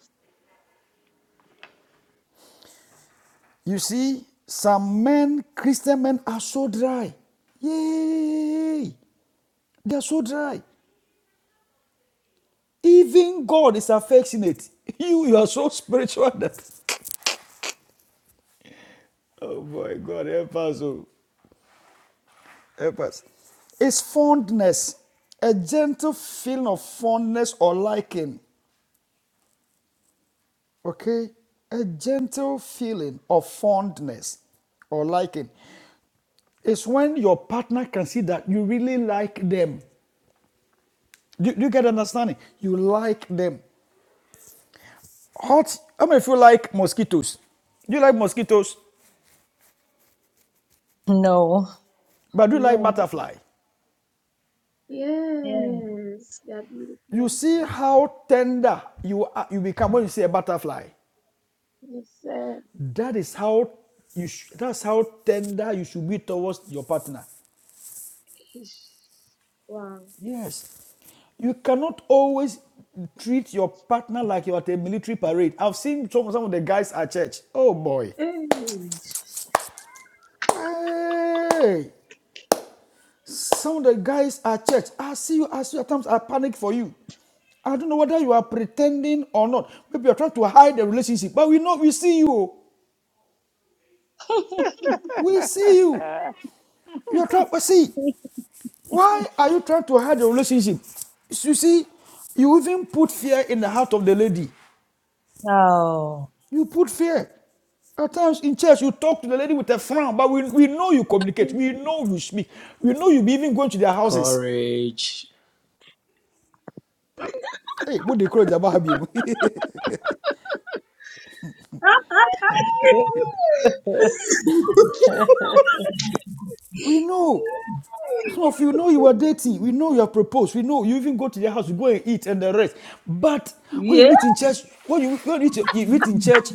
[SPEAKER 1] You see, some men, Christian men, are so dry. Yay! They are so dry. Even God is affectionate. *laughs* You, you are so spiritual that. *laughs* Oh my God, help us. Oh. Help us. It's fondness, a gentle feeling of fondness or liking. Okay? A gentle feeling of fondness or liking. It's when your partner can see that you really like them. Do, do you get understanding? You like them. Hot. How many of you like mosquitoes? Do you like mosquitoes?
[SPEAKER 3] No.
[SPEAKER 1] But do you like
[SPEAKER 4] No.
[SPEAKER 1] butterfly?
[SPEAKER 3] Yeah.
[SPEAKER 4] Yes, they're
[SPEAKER 1] You
[SPEAKER 4] beautiful.
[SPEAKER 1] see how tender you are, you become when you see a butterfly.
[SPEAKER 4] Yes, sir.
[SPEAKER 1] That is how you. Sh- that's how tender you should be towards your partner.
[SPEAKER 4] Ish. Wow.
[SPEAKER 1] Yes. You cannot always treat your partner like you're at a military parade. I've seen some, some of the guys at church. Oh boy.
[SPEAKER 4] Hey. *laughs*
[SPEAKER 1] Hey! Some of the guys at church, I see you, I see you at times, I panic for you. I don't know whether you are pretending or not. Maybe you're trying to hide the relationship, but we know we see you. We see you.
[SPEAKER 7] *laughs*
[SPEAKER 1] You're trying to see. Why are you trying to hide the relationship? You see, you even put fear in the heart of the lady.
[SPEAKER 3] No. *laughs*
[SPEAKER 1] You put fear. At times in church, you talk to the lady with a frown, but we, we know you communicate. We know you speak. We know you be even going to their houses.
[SPEAKER 9] Courage.
[SPEAKER 1] Hey, what they call it about *laughs* We know. Some of you know you are dating. We know you have proposed. We know you even go to their house, you go and eat and the rest. But when you
[SPEAKER 10] Yeah,
[SPEAKER 1] meet in church, when you, when you, meet- in church,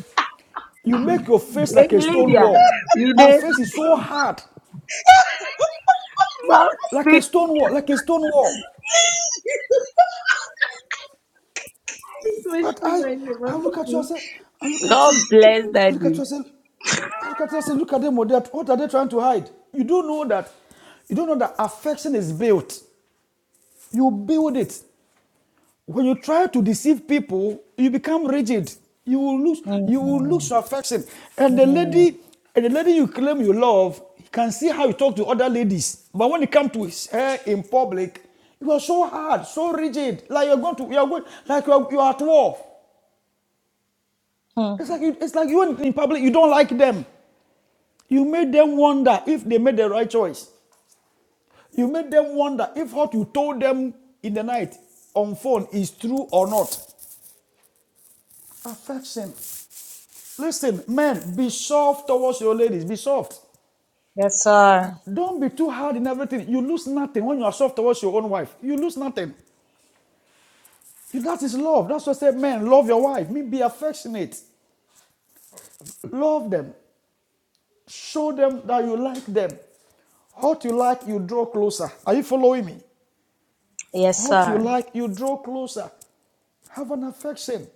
[SPEAKER 1] you make your face like
[SPEAKER 10] Lady
[SPEAKER 1] a stone
[SPEAKER 10] Lydia,
[SPEAKER 1] wall.
[SPEAKER 10] you
[SPEAKER 1] Your
[SPEAKER 10] did.
[SPEAKER 1] face is so hard,
[SPEAKER 10] Mount
[SPEAKER 1] like a
[SPEAKER 10] Sweet.
[SPEAKER 1] stone wall, like a stone wall.
[SPEAKER 4] this makes This
[SPEAKER 1] But I,
[SPEAKER 4] like the
[SPEAKER 1] I
[SPEAKER 4] mommy
[SPEAKER 1] look at you, I
[SPEAKER 4] too.
[SPEAKER 1] say, I look at you,
[SPEAKER 10] God bless
[SPEAKER 1] I look
[SPEAKER 10] Daddy.
[SPEAKER 1] at you, I say, I look at you, I say, look at them, what what are they trying to hide? You don't know that, you don't know that affection is built. You build it. When you try to deceive people, you become rigid. You will lose you will lose
[SPEAKER 3] Mm.
[SPEAKER 1] your affection. And the
[SPEAKER 3] Mm.
[SPEAKER 1] lady, and the lady you claim you love can see how you talk to other ladies. But when it comes to his- her in public, you are so hard, so rigid. Like you're going to you're going like you're you are at war.
[SPEAKER 3] Mm.
[SPEAKER 1] It's like you, it's like you in public, you don't like them. You made them wonder if they made the right choice. You made them wonder if what you told them in the night on phone is true or not. Affection. Listen, men, be soft towards your ladies. Be soft.
[SPEAKER 3] Yes, sir.
[SPEAKER 1] Don't be too hard in everything. You lose nothing when you are soft towards your own wife. You lose nothing. That is love. That's what I say, men, love your wife. Mean be affectionate. Love them. Show them that you like them. What you like, you draw closer. Are you following me?
[SPEAKER 3] Yes,
[SPEAKER 1] What you
[SPEAKER 3] sir.
[SPEAKER 1] like, you draw closer. Have an affection.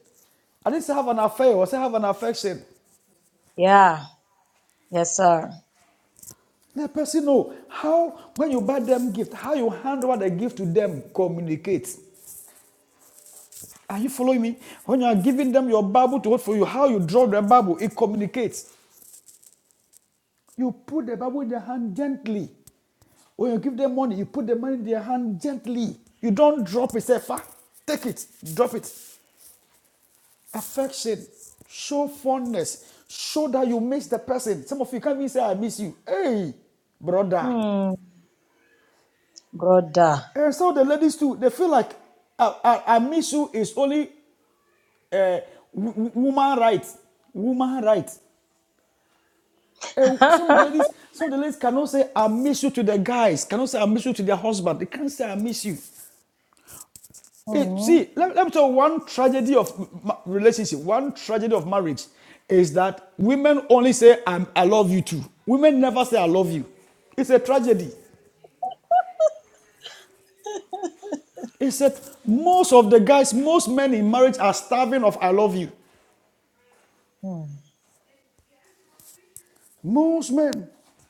[SPEAKER 1] I didn't say have an affair, I said have an affection.
[SPEAKER 3] Yeah. Yes, sir.
[SPEAKER 1] Let the person know how, when you buy them gift, how you hand over the gift to them communicates. Are you following me? When you are giving them your Bible to hold for you, how you draw the Bible, it communicates. You put the Bible in their hand gently. When you give them money, you put the money in their hand gently. You don't drop it, say, "Fa, take it, drop it. Affection, show fondness, show that you miss the person. Some of you can't even say, I miss you. Hey, brother.
[SPEAKER 3] Hmm. Brother.
[SPEAKER 1] And so the ladies too, they feel like uh, uh, an issue is only uh, w- woman rights, woman rights. Uh, some of the ladies,
[SPEAKER 3] *laughs*
[SPEAKER 1] some of the ladies cannot say I miss you to the guys, cannot say I miss you to their husband. They can't say I miss you. Eh,
[SPEAKER 3] Hmm.
[SPEAKER 1] see, let, let me tell you one tragedy of ma- relationship, one tragedy of marriage is that women only say I'm, I love you too. Women never say I love you. It's a tragedy. It's that most of the guys, most men in marriage are starving of I love you.
[SPEAKER 3] Hmm.
[SPEAKER 1] Most men,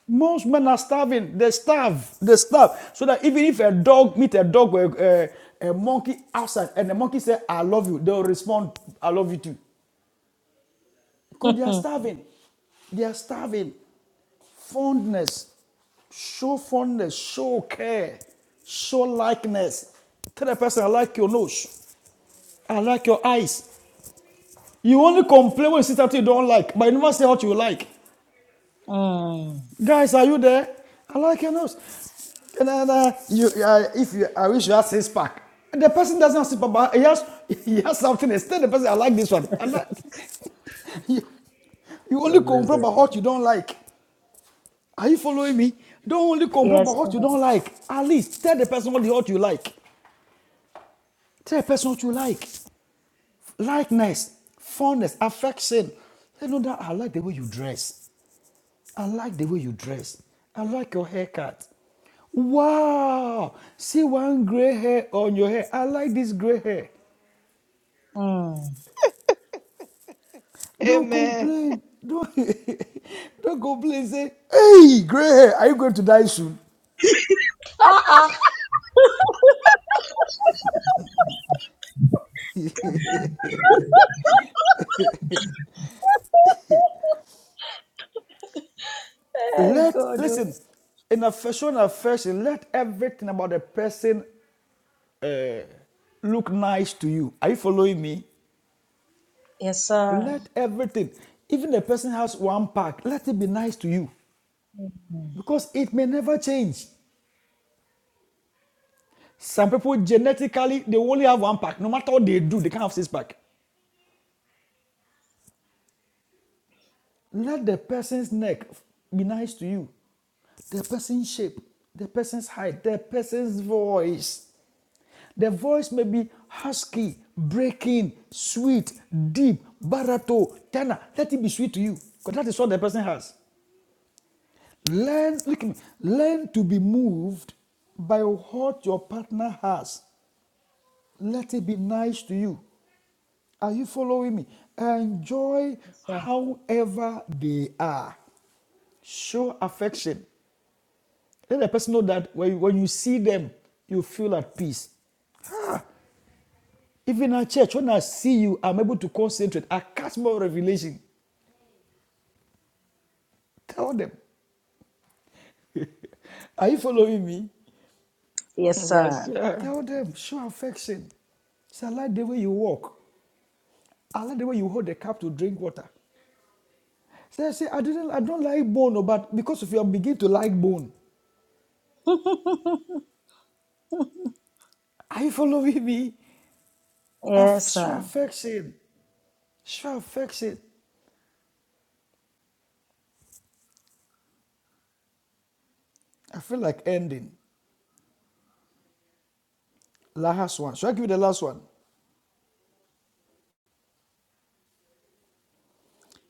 [SPEAKER 1] most men are starving. They starve. They starve. So that even if a dog meet a dog or a, a, a monkey outside and the monkey say, I love you, they'll respond, I love you too. Because they are
[SPEAKER 3] *laughs*
[SPEAKER 1] starving. They are starving. Fondness. Show fondness. Show care. Show likeness. Tell the person, I like your nose. I like your eyes. You only complain when you see something you don't like, but you never say what you like.
[SPEAKER 3] Hmm.
[SPEAKER 1] Guys, are you there? I like your nose. And then, uh, you, uh, if you, I wish you had six pack. The person doesn't have six pack, but he has, he has something. Instead, the person, I like this one. I like. You only
[SPEAKER 9] God bless
[SPEAKER 1] complain
[SPEAKER 9] that.
[SPEAKER 1] about what you don't like. Are you following me? Don't only complain about
[SPEAKER 3] Yes, sir.
[SPEAKER 1] what you don't like. At least tell the person what, the- what you like. Tell the person what you like. Likeness, fondness, affection. You know that I like the way you dress. I like the way you dress. I like your haircut. Wow! See one gray hair on your hair. I like this gray hair.
[SPEAKER 3] Hmm.
[SPEAKER 1] Don't
[SPEAKER 7] Amen.
[SPEAKER 1] complain. Don't, *laughs* don't complain. Say, hey, gray hair, are you going to die soon?
[SPEAKER 3] Uh-uh. *laughs* Hey,
[SPEAKER 1] Let
[SPEAKER 3] God. oh.
[SPEAKER 1] listen, in a affection, fashion. let everything about the person look nice to you. Are you following me?
[SPEAKER 3] Yes, sir.
[SPEAKER 1] Let everything, even the person has one pack, let it be nice to you.
[SPEAKER 3] Hmm.
[SPEAKER 1] Because it may never change. Some people genetically they only have one pack. No matter what they do, they can't have six pack. Let the person's neck be nice to you, the person's shape, the person's height, the person's voice. The voice may be husky, breaking, sweet, deep, barato, tenor. Let it be sweet to you, because that is what the person has. Learn, look at me, learn to be moved by what your partner has. Let it be nice to you. Are you following me? Enjoy
[SPEAKER 3] Yes, sir.
[SPEAKER 1] however they are. Show affection. Let the person know that when you, when you see them, you feel at peace. Even at church, when I see you, I'm able to concentrate. I catch more revelation. Tell them. Are you following me?
[SPEAKER 3] Yes,
[SPEAKER 7] Yes,
[SPEAKER 3] sir.
[SPEAKER 7] sir.
[SPEAKER 1] Tell them. Show affection. Say, I like the way you walk. I like the way you hold the cup to drink water. So I say, I didn't, I don't like bone, oh, but because of you, I'm beginning to like bone. Are you following me? I f-
[SPEAKER 3] Yes,
[SPEAKER 1] show
[SPEAKER 3] sir.
[SPEAKER 1] affection. Shall fix it. I feel like ending. Last one. Should I give you the last one?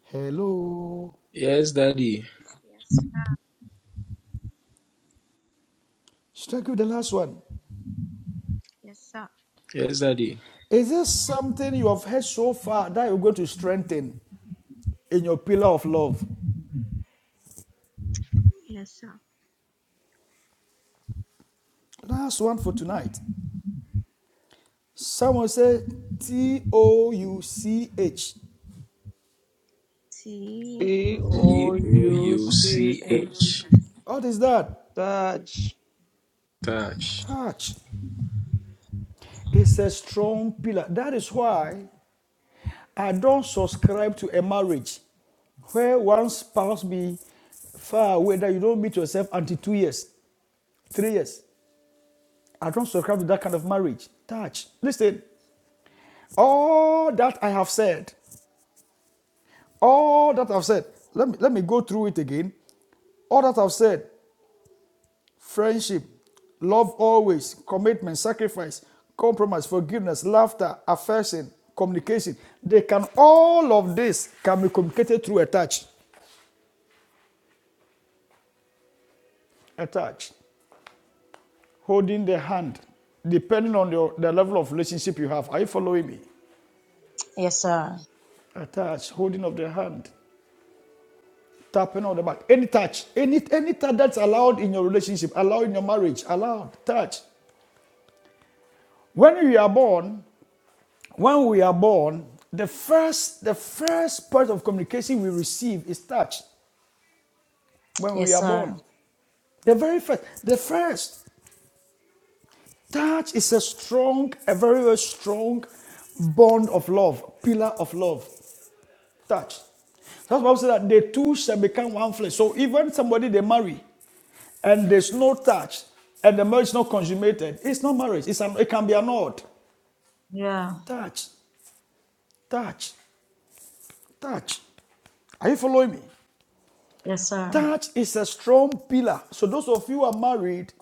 [SPEAKER 1] Hello.
[SPEAKER 9] Yes, daddy.
[SPEAKER 5] Yes, sir.
[SPEAKER 1] Should I give you the last one?
[SPEAKER 5] Yes, sir.
[SPEAKER 9] Yes, daddy.
[SPEAKER 1] Is this something you have heard so far that you're going to strengthen in your pillar of love?
[SPEAKER 5] Yes, sir.
[SPEAKER 1] Last one for tonight. Someone said T O U C H.
[SPEAKER 5] T
[SPEAKER 7] B
[SPEAKER 5] O
[SPEAKER 7] O
[SPEAKER 9] C O
[SPEAKER 7] U
[SPEAKER 9] U
[SPEAKER 7] C
[SPEAKER 9] C
[SPEAKER 7] H.
[SPEAKER 9] H.
[SPEAKER 1] What is that?
[SPEAKER 7] Touch.
[SPEAKER 9] Touch.
[SPEAKER 1] Touch. It's a strong pillar. That is why I don't subscribe to a marriage where one spouse be far away that you don't meet yourself until two years, three years. I don't subscribe to that kind of marriage. Touch. Listen, all that I have said, all that I've said, let me, let me go through it again. All that I've said friendship, love always, commitment, sacrifice, compromise, forgiveness, laughter, affection, communication. They can, all of this can be communicated through a touch. A touch. holding the hand, depending on your, the level of relationship you have. Are you following me?
[SPEAKER 3] Yes, sir.
[SPEAKER 1] A touch, holding of the hand, tapping on the back. Any touch, any, any touch that's allowed in your relationship, allowed in your marriage, allowed, touch. When we are born, when we are born, the first, the first part of communication we receive is touch when we
[SPEAKER 3] Yes,
[SPEAKER 1] are
[SPEAKER 3] sir.
[SPEAKER 1] born. The very first, the first touch is a strong, a very, very strong bond of love, pillar of love. Touch. That's why I said that the two shall become one flesh. So even somebody they marry and there's no touch and the marriage is not consummated, it's not marriage. It's an, it can be annulled.
[SPEAKER 3] Yeah.
[SPEAKER 1] Touch, touch, touch. Are you following me?
[SPEAKER 3] Yes, sir.
[SPEAKER 1] Touch is a strong pillar. So those of you who are married,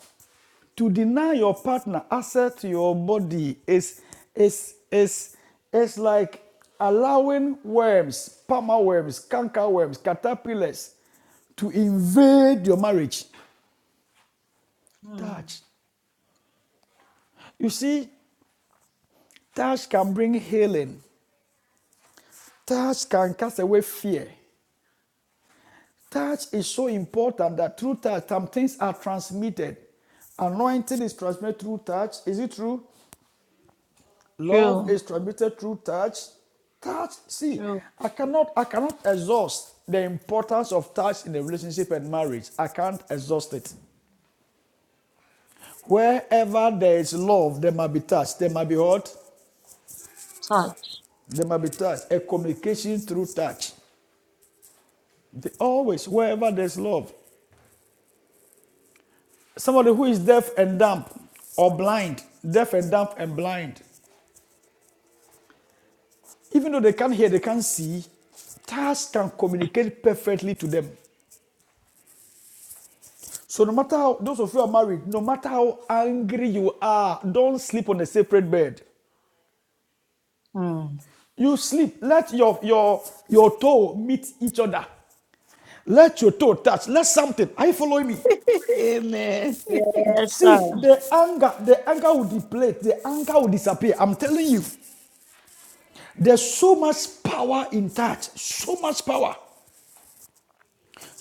[SPEAKER 1] to deny your partner access to your body is is is is like allowing worms, palmer worms, canker worms, caterpillars to invade your marriage.
[SPEAKER 3] Hmm.
[SPEAKER 1] Touch. You see, touch can bring healing. Touch can cast away fear. Touch is so important that through touch some things are transmitted. Anointing is transmitted through touch. Is it true? Love
[SPEAKER 3] True.
[SPEAKER 1] is transmitted through touch. Touch. See,
[SPEAKER 3] True.
[SPEAKER 1] I cannot I cannot exhaust the importance of touch in a relationship and marriage. I can't exhaust it. Wherever there is love, there might be touch. There might be what?
[SPEAKER 3] Touch.
[SPEAKER 1] There might be touch. A communication through touch. They- always, wherever there's love. Somebody who is deaf and dumb or blind, deaf and dumb and blind, even though they can't hear, they can't see, touch can communicate perfectly to them. So no matter how those of you who are married, no matter how angry you are, don't sleep on a separate bed.
[SPEAKER 3] Hmm.
[SPEAKER 1] You sleep. Let your your your toe meet each other. Let your toe touch. Let something. Are you following me?
[SPEAKER 7] *laughs* Amen.
[SPEAKER 3] Yes,
[SPEAKER 1] See,
[SPEAKER 3] sir.
[SPEAKER 1] the anger, the anger will deplete, the anger will disappear. I'm telling you, there's so much power in touch. So much power.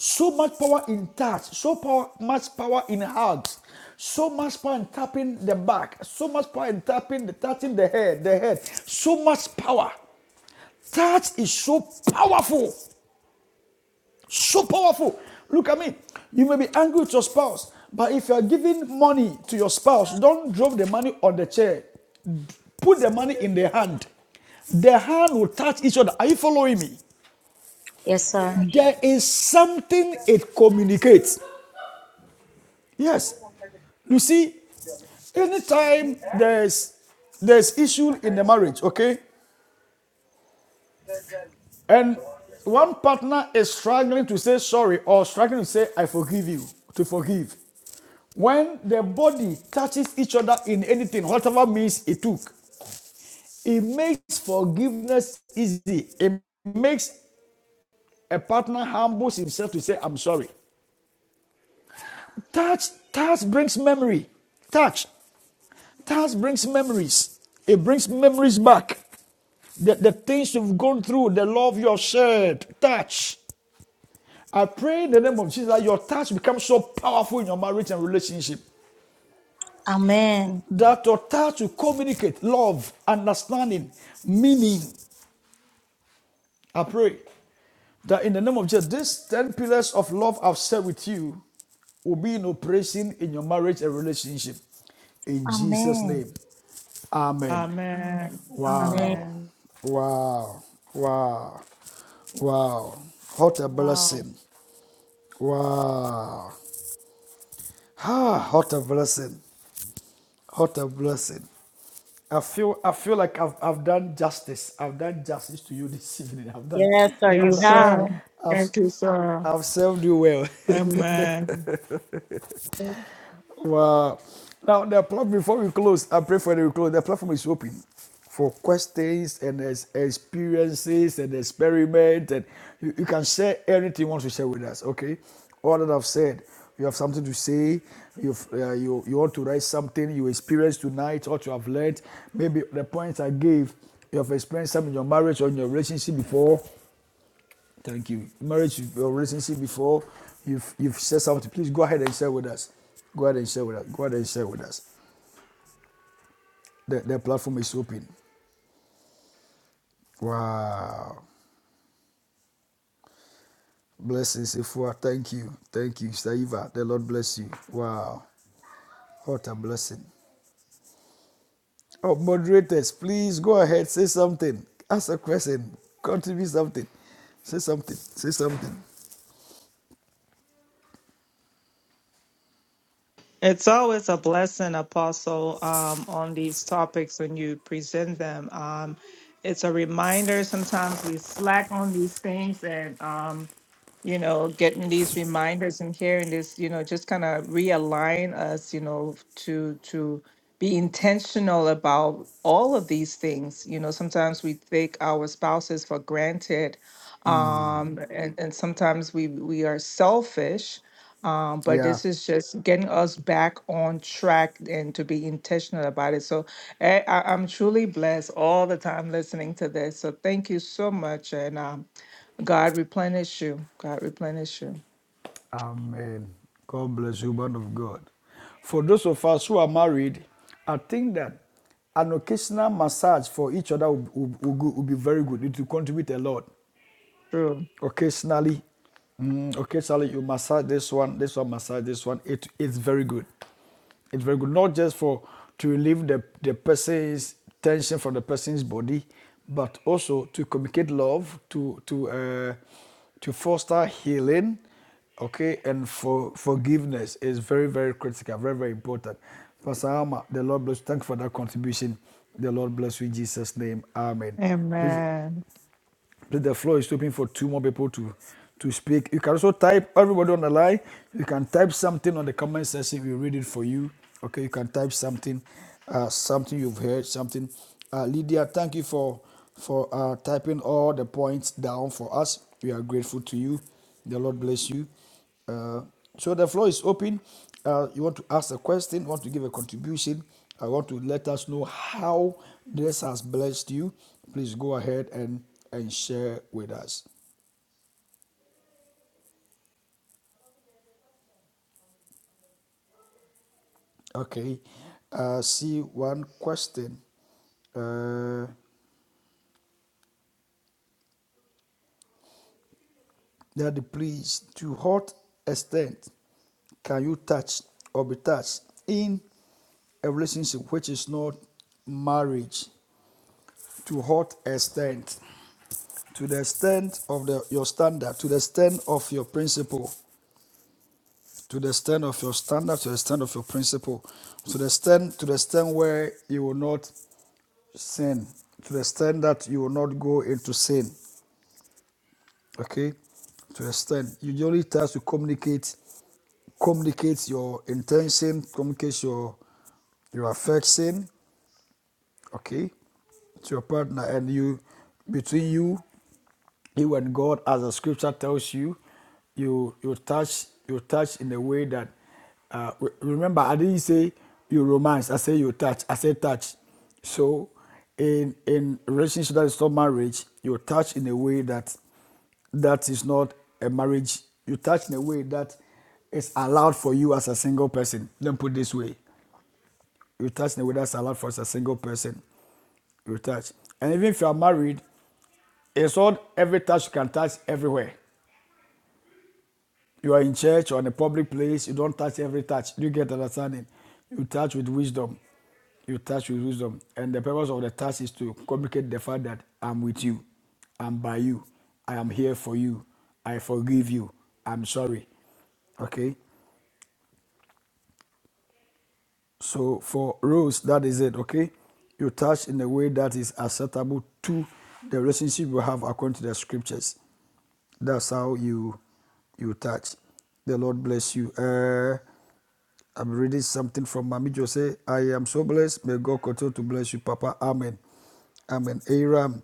[SPEAKER 1] So much power in touch, so power, much power in hugs, so much power in tapping the back, so much power in tapping the touching the head, the head, so much power. Touch is so powerful, so powerful. Look at me. You may be angry with your spouse, but if you are giving money to your spouse, don't drop the money on the chair. Put the money in the hand. The hand will touch each other. Are you following me?
[SPEAKER 3] Yes, sir.
[SPEAKER 1] There is something it communicates.
[SPEAKER 11] I don't
[SPEAKER 1] Yes.
[SPEAKER 11] want to picture
[SPEAKER 1] You see,
[SPEAKER 11] your me.
[SPEAKER 1] anytime
[SPEAKER 11] Eh?
[SPEAKER 1] there's there's issue in the
[SPEAKER 11] Uh-uh.
[SPEAKER 1] marriage okay and one partner is struggling to say sorry or struggling to say i forgive you to forgive when the body touches each other in anything whatever means it took it makes forgiveness easy it makes a partner humbles himself to say i'm sorry touch touch brings memory touch touch brings memories it brings memories back the, the things you've gone through, the love you have shared, touch. I pray in the name of Jesus that your touch becomes so powerful in your marriage and relationship
[SPEAKER 3] Amen.
[SPEAKER 1] that your touch will communicate love, understanding, meaning. I pray. That in the name of Jesus, these 10 pillars of love I've shared with you will be in operation in your marriage and relationship. In Jesus'
[SPEAKER 3] Amen.
[SPEAKER 1] name. Amen.
[SPEAKER 7] Amen.
[SPEAKER 3] Amen.
[SPEAKER 1] Wow.
[SPEAKER 7] Amen.
[SPEAKER 1] Wow. Wow. Wow. What a
[SPEAKER 3] Wow.
[SPEAKER 1] blessing. Wow. Ah, what a blessing. What a blessing. I feel I feel like I've I've done justice. I've done justice to you this *laughs* evening. I've done
[SPEAKER 3] Yes, sir,
[SPEAKER 1] I've
[SPEAKER 3] you
[SPEAKER 7] Yes,
[SPEAKER 1] done, I've
[SPEAKER 3] have.
[SPEAKER 7] sir.
[SPEAKER 1] I've
[SPEAKER 7] Thank you, sir.
[SPEAKER 1] I've served you well. *laughs*
[SPEAKER 7] Amen.
[SPEAKER 1] Wow. Now, the platform, before we close, I pray for the close. The platform is open for questions and ex- experiences and experiment. And you, you can share anything you want to share with us, okay? All that I've said, you have something to say, you've, uh, you, you want to write something you experienced tonight, what you have learned. Maybe the points I gave, you have experienced some in your marriage or in your relationship before. Thank you. Marriage or relationship before you've you've said something, please go ahead and share with us. Go ahead and share with us. Go ahead and share with us. The, the platform is open. Wow. Blessings, Ifua. Thank you. Thank you, Saiva. The Lord bless you. Wow. What a blessing. Oh, moderators, please go ahead. Say something. Ask a question. Contribute something. Say something. Say something.
[SPEAKER 7] It's always a blessing, Apostle, um, on these topics when you present them. Um, it's a reminder. Sometimes we slack on these things, and um, you know, getting these reminders and hearing this, you know, just kind of realign us, you know, to to be intentional about all of these things. You know, sometimes we take our spouses for granted, um, and and sometimes we we are selfish. Um, but
[SPEAKER 1] Yeah.
[SPEAKER 7] this is just getting us back on track and to be intentional about it. So I, I, I'm truly blessed all the time listening to this. So thank you so much, and um, God replenish you. God replenish you.
[SPEAKER 1] Amen. God bless you, man of God. For those of us who are married, I think that an occasional massage for each other would, would, would go- be very good. It will contribute a lot.
[SPEAKER 7] True.
[SPEAKER 1] Occasionally, mm, occasionally you massage this one, this one massage this one. It is very good. It's very good, not just for to relieve the, the person's tension from the person's body, but also to communicate love, to to uh, to foster healing, okay, and for forgiveness is very very critical, very very important. Pastor Alma, the Lord bless. you. Thank you for that contribution. The Lord bless you in Jesus' name. Amen. Please
[SPEAKER 7] Amen.
[SPEAKER 1] Please, the floor is open for two more people to to speak. You can also type everybody on the line. You can type something on the comment section. We read it for you. Okay, you can type something, uh, something you've heard, something. Uh, Lydia, thank you for for uh, typing all the points down for us. We are grateful to you. The Lord bless you. Uh, So the floor is open. Uh, you want to ask a question, want to give a contribution. I want to let us know how this has blessed you. Please go ahead and, and share with us. Okay. Uh, see one question. Uh, Daddy, please, to what extent can you touch or be touched in a relationship which is not marriage? To what extent? to the extent of the, your standard, to the extent of your principle, to the extent of your standard, to the extent of your principle, to the extent, to the extent where you will not sin, to the extent that you will not go into sin. Okay, to the extent you the only try to communicate, communicate your intention, communicate your your affection. Okay, to your partner and you between you you and God, as the scripture tells you, you you touch you touch in a way that uh, re- remember I didn't say you romance, I say you touch, I say touch. So in in relationship that is not marriage, you touch in a way that that is not a marriage. You touch in a way that is allowed for you as a single person. Let me put it this way. You touch in a way that's allowed for us as a single person. You touch. And even if you are married, it's not every touch you can touch everywhere. You are in church or in a public place, you don't touch every touch. You get understanding. You touch with wisdom. You touch with wisdom. And the purpose of the touch is to communicate the fact that I'm with you. I'm by you. I am here for you. I forgive you. I'm sorry. Okay? So for Rose, that is it. Okay? You touch in a way that is acceptable to the relationship you have according to the scriptures that's how you you touch the lord bless you uh I'm reading something from Mami Jose. I am so blessed. May God continue to bless you, Papa. Amen. Amen. Aram,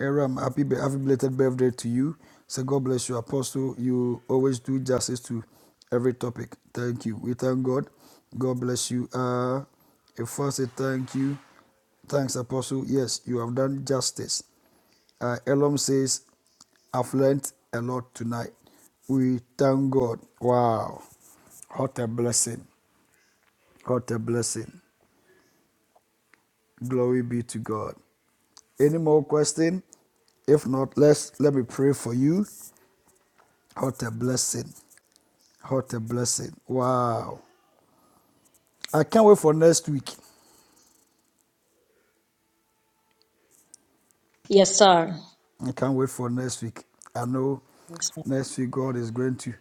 [SPEAKER 1] Aram, happy, be- happy belated birthday to you. So God bless you, Apostle. You always do justice to every topic. Thank you. We thank God. God bless you. Uh, if I say thank you, thanks, Apostle. Yes, you have done justice. Uh, Elam says, I've learned a lot tonight. We thank God. Wow. What a blessing. What a blessing. Glory be to God. Any more question? If not, let's let me pray for you. What a blessing. What a blessing. Wow. I can't wait for next week.
[SPEAKER 3] Yes, sir.
[SPEAKER 1] I can't wait for next week. I know
[SPEAKER 3] Yes, sir.
[SPEAKER 1] next week God is going to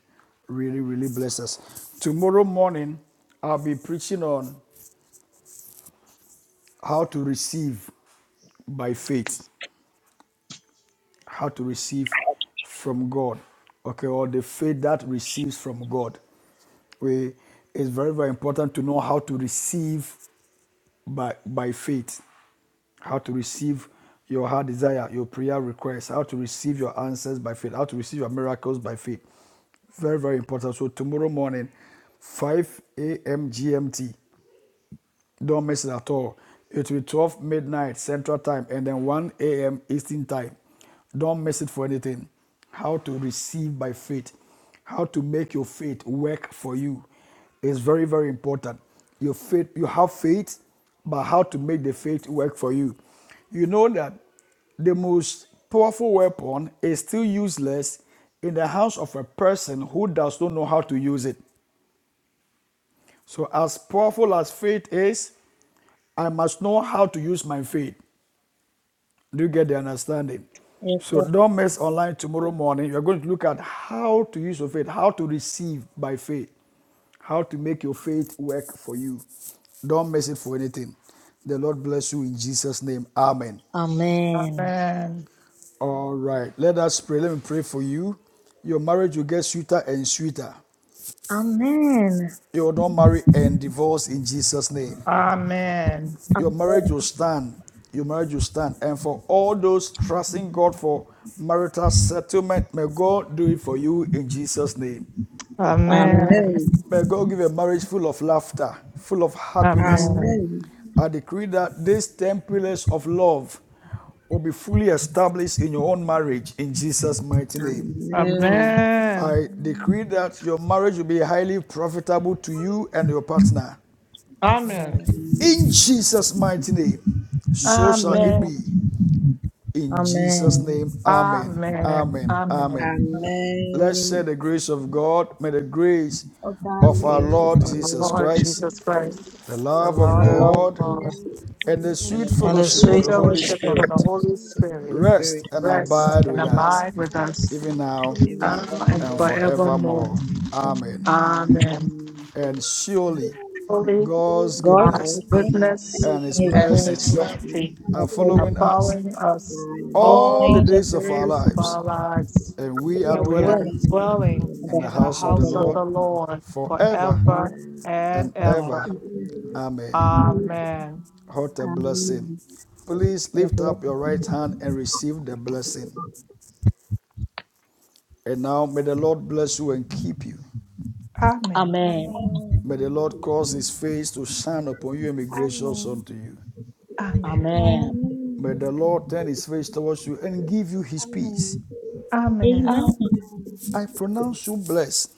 [SPEAKER 1] really, really bless us. Tomorrow morning, I'll be preaching on how to receive by faith. how to receive from God, okay, or the faith that receives from God. We, it's very, very important to know how to receive by, by faith, how to receive your heart desire, your prayer requests, how to receive your answers by faith, how to receive your miracles by faith. Very, very important. So, tomorrow morning, 5 a.m. GMT, don't miss it at all. It will be 12 midnight Central Time and then 1 a.m. Eastern Time. Don't miss it for anything. How to receive by faith, how to make your faith work for you is very, very important. Your faith, you have faith, but how to make the faith work for you. You know that the most powerful weapon is still useless in the hands of a person who does not know how to use it. So, as powerful as faith is, I must know how to use my faith. Do you get the understanding?
[SPEAKER 3] Yes,
[SPEAKER 1] So
[SPEAKER 3] sir.
[SPEAKER 1] don't miss online tomorrow morning. You're going to look at how to use your faith, how to receive by faith, how to make your faith work for you. Don't miss it for anything. The Lord bless you in Jesus' name. Amen.
[SPEAKER 3] Amen.
[SPEAKER 7] Amen.
[SPEAKER 1] All right, let us pray. Let me pray for you. Your marriage will get sweeter and sweeter.
[SPEAKER 3] Amen.
[SPEAKER 1] You will not marry and divorce in Jesus' name.
[SPEAKER 7] Amen.
[SPEAKER 1] Your
[SPEAKER 3] Amen.
[SPEAKER 1] marriage will stand. Your marriage will stand. And for all those trusting God for marital settlement, may God do it for you in Jesus' name.
[SPEAKER 3] Amen.
[SPEAKER 7] Amen.
[SPEAKER 4] Amen.
[SPEAKER 6] Amen.
[SPEAKER 1] May God give a marriage full of laughter, full of happiness.
[SPEAKER 7] Amen.
[SPEAKER 6] Amen.
[SPEAKER 1] I
[SPEAKER 4] Amen.
[SPEAKER 1] decree that these 10 pillars of love will be fully established in your own marriage in Jesus' mighty name.
[SPEAKER 7] Amen.
[SPEAKER 6] Amen.
[SPEAKER 7] Amen.
[SPEAKER 1] I decree
[SPEAKER 4] Amen.
[SPEAKER 1] that your marriage will be highly profitable to you and your partner
[SPEAKER 3] Amen.
[SPEAKER 1] in
[SPEAKER 4] Amen.
[SPEAKER 1] Jesus' mighty name. So shall
[SPEAKER 3] Amen.
[SPEAKER 1] it
[SPEAKER 7] Amen.
[SPEAKER 1] be.
[SPEAKER 4] Amen.
[SPEAKER 1] In Jesus'
[SPEAKER 3] Amen.
[SPEAKER 1] name, Amen.
[SPEAKER 7] Amen.
[SPEAKER 1] Amen. Amen.
[SPEAKER 7] Amen.
[SPEAKER 1] Let's
[SPEAKER 6] Amen.
[SPEAKER 1] share the grace of God. May the grace
[SPEAKER 4] Father,
[SPEAKER 1] of
[SPEAKER 12] Amen.
[SPEAKER 1] our
[SPEAKER 4] we
[SPEAKER 6] Grace of
[SPEAKER 1] Lord
[SPEAKER 7] My
[SPEAKER 6] our
[SPEAKER 4] thank
[SPEAKER 6] Lord
[SPEAKER 1] Jesus
[SPEAKER 4] you
[SPEAKER 7] Lord
[SPEAKER 1] Christ,
[SPEAKER 6] Jesus
[SPEAKER 4] for
[SPEAKER 7] Jesus
[SPEAKER 6] Christ,
[SPEAKER 1] the
[SPEAKER 7] Christ, the
[SPEAKER 1] love
[SPEAKER 4] the
[SPEAKER 6] the
[SPEAKER 1] of
[SPEAKER 7] love
[SPEAKER 6] love
[SPEAKER 7] of
[SPEAKER 4] glory
[SPEAKER 3] Lord,
[SPEAKER 6] of
[SPEAKER 4] of
[SPEAKER 1] God,
[SPEAKER 6] God.
[SPEAKER 7] God,
[SPEAKER 4] you
[SPEAKER 1] and the
[SPEAKER 6] and
[SPEAKER 4] and
[SPEAKER 1] sweet
[SPEAKER 6] the
[SPEAKER 4] the
[SPEAKER 3] and the
[SPEAKER 6] fellowship
[SPEAKER 1] fellowship
[SPEAKER 4] praise
[SPEAKER 7] free
[SPEAKER 6] of
[SPEAKER 1] of
[SPEAKER 6] the
[SPEAKER 3] sweet
[SPEAKER 1] the
[SPEAKER 4] of
[SPEAKER 6] Holy,
[SPEAKER 1] Holy
[SPEAKER 3] fellowship
[SPEAKER 7] fellowship
[SPEAKER 3] of
[SPEAKER 7] of
[SPEAKER 4] you and
[SPEAKER 7] the
[SPEAKER 4] the
[SPEAKER 3] the
[SPEAKER 1] Spirit
[SPEAKER 7] Holy
[SPEAKER 4] glory of you.
[SPEAKER 7] Spirit,
[SPEAKER 6] Holy Spirit
[SPEAKER 1] rest and
[SPEAKER 6] rest and
[SPEAKER 7] rest
[SPEAKER 1] abide
[SPEAKER 7] and
[SPEAKER 6] abide
[SPEAKER 1] with
[SPEAKER 4] Christ
[SPEAKER 6] with us,
[SPEAKER 1] us,
[SPEAKER 7] abide
[SPEAKER 4] in
[SPEAKER 7] with us
[SPEAKER 1] even now
[SPEAKER 6] even
[SPEAKER 7] now
[SPEAKER 4] Amen.
[SPEAKER 3] Holy
[SPEAKER 6] now
[SPEAKER 7] and
[SPEAKER 1] and
[SPEAKER 3] Spirit.
[SPEAKER 4] Amen.
[SPEAKER 6] and
[SPEAKER 7] forevermore.
[SPEAKER 6] forevermore.
[SPEAKER 1] forevermore. Amen.
[SPEAKER 7] Amen.
[SPEAKER 6] Amen.
[SPEAKER 1] And surely
[SPEAKER 7] Holy
[SPEAKER 1] God's
[SPEAKER 3] God's
[SPEAKER 7] God's
[SPEAKER 1] goodness
[SPEAKER 6] God's
[SPEAKER 3] goodness
[SPEAKER 6] goodness
[SPEAKER 7] goodness
[SPEAKER 4] Amen.
[SPEAKER 1] and his
[SPEAKER 3] and His
[SPEAKER 7] and
[SPEAKER 6] and
[SPEAKER 7] his
[SPEAKER 1] mercies
[SPEAKER 3] mercy
[SPEAKER 6] His
[SPEAKER 7] mercy
[SPEAKER 6] mercy
[SPEAKER 3] are
[SPEAKER 1] are
[SPEAKER 7] are
[SPEAKER 3] following
[SPEAKER 1] following
[SPEAKER 3] me
[SPEAKER 1] us
[SPEAKER 7] following us
[SPEAKER 6] following
[SPEAKER 3] all the
[SPEAKER 1] all
[SPEAKER 6] us
[SPEAKER 1] the
[SPEAKER 7] all
[SPEAKER 3] days
[SPEAKER 7] the
[SPEAKER 1] days
[SPEAKER 3] of
[SPEAKER 6] all
[SPEAKER 1] of
[SPEAKER 6] the
[SPEAKER 1] our
[SPEAKER 7] days of
[SPEAKER 6] days
[SPEAKER 7] our
[SPEAKER 1] lives
[SPEAKER 6] of our
[SPEAKER 7] lives,
[SPEAKER 6] life,
[SPEAKER 1] and we
[SPEAKER 3] my
[SPEAKER 1] are
[SPEAKER 7] and we
[SPEAKER 6] and
[SPEAKER 1] dwelling
[SPEAKER 7] are
[SPEAKER 3] dwelling
[SPEAKER 6] we will
[SPEAKER 7] dwelling
[SPEAKER 6] dwell in
[SPEAKER 3] in the
[SPEAKER 1] in
[SPEAKER 3] house
[SPEAKER 1] the
[SPEAKER 7] in the
[SPEAKER 1] house
[SPEAKER 6] the
[SPEAKER 1] of
[SPEAKER 3] of
[SPEAKER 1] the
[SPEAKER 3] the
[SPEAKER 7] house
[SPEAKER 6] house
[SPEAKER 7] of
[SPEAKER 1] Lord
[SPEAKER 7] the
[SPEAKER 3] Lord.
[SPEAKER 7] Lord
[SPEAKER 6] of
[SPEAKER 1] forever
[SPEAKER 6] the Lord
[SPEAKER 3] God,
[SPEAKER 7] forever
[SPEAKER 6] forever.
[SPEAKER 4] Amen.
[SPEAKER 7] and
[SPEAKER 1] and
[SPEAKER 3] God,
[SPEAKER 7] ever.
[SPEAKER 1] ever.
[SPEAKER 6] and
[SPEAKER 1] Amen.
[SPEAKER 6] ever. Amen.
[SPEAKER 7] Amen.
[SPEAKER 1] What a blessing.
[SPEAKER 12] Amen.
[SPEAKER 1] Please
[SPEAKER 3] God
[SPEAKER 1] lift
[SPEAKER 3] bless
[SPEAKER 1] up your
[SPEAKER 3] you.
[SPEAKER 1] right hand and receive the blessing. And now may the Lord bless you and keep you.
[SPEAKER 7] Amen.
[SPEAKER 3] Amen.
[SPEAKER 1] May the Lord cause his face to shine upon you and be gracious
[SPEAKER 12] Amen.
[SPEAKER 1] unto you.
[SPEAKER 7] Amen.
[SPEAKER 3] Amen.
[SPEAKER 1] May the Lord turn his face towards you and give you his peace.
[SPEAKER 12] Amen.
[SPEAKER 7] Amen.
[SPEAKER 3] Amen.
[SPEAKER 1] I pronounce you blessed.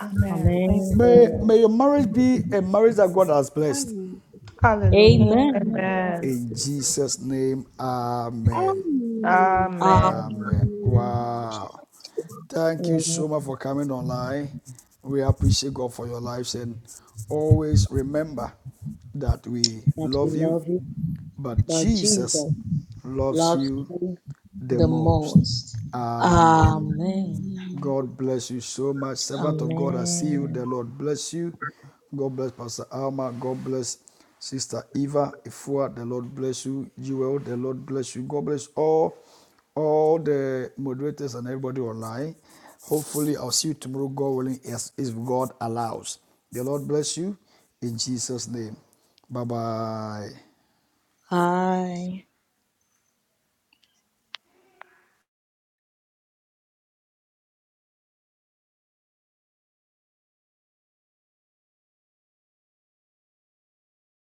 [SPEAKER 7] Amen.
[SPEAKER 3] Amen.
[SPEAKER 1] May,
[SPEAKER 3] Lord.
[SPEAKER 1] may your marriage be a marriage that God has blessed.
[SPEAKER 7] Hallelujah.
[SPEAKER 3] Amen.
[SPEAKER 4] Amen.
[SPEAKER 7] Amen.
[SPEAKER 1] In Jesus' name, amen.
[SPEAKER 12] Amen.
[SPEAKER 7] Amen.
[SPEAKER 1] Amen.
[SPEAKER 12] Amen.
[SPEAKER 4] Amen.
[SPEAKER 1] Wow. Thank you
[SPEAKER 3] Amen.
[SPEAKER 1] so much for coming online. We appreciate God for your lives and always remember that we
[SPEAKER 3] That we
[SPEAKER 1] love you,
[SPEAKER 3] love you,
[SPEAKER 1] but
[SPEAKER 3] but
[SPEAKER 1] Jesus
[SPEAKER 3] Jesus
[SPEAKER 1] loves
[SPEAKER 3] loves
[SPEAKER 1] you
[SPEAKER 3] you
[SPEAKER 1] the
[SPEAKER 3] the
[SPEAKER 1] most.
[SPEAKER 3] most.
[SPEAKER 12] Amen.
[SPEAKER 1] Amen.
[SPEAKER 3] Amen.
[SPEAKER 12] Amen.
[SPEAKER 1] God bless you so much. Servant of God, I see you. The
[SPEAKER 3] Amen.
[SPEAKER 1] Lord bless you. God bless Pastor Alma. God bless Sister Eva Ifua. The Lord bless you. Jewel, the Lord bless you. God bless all, all the moderators and everybody online. Hopefully, I'll see you tomorrow, God willing, as if God allows. The Lord bless you in Jesus' name. Bye bye.
[SPEAKER 3] Hi.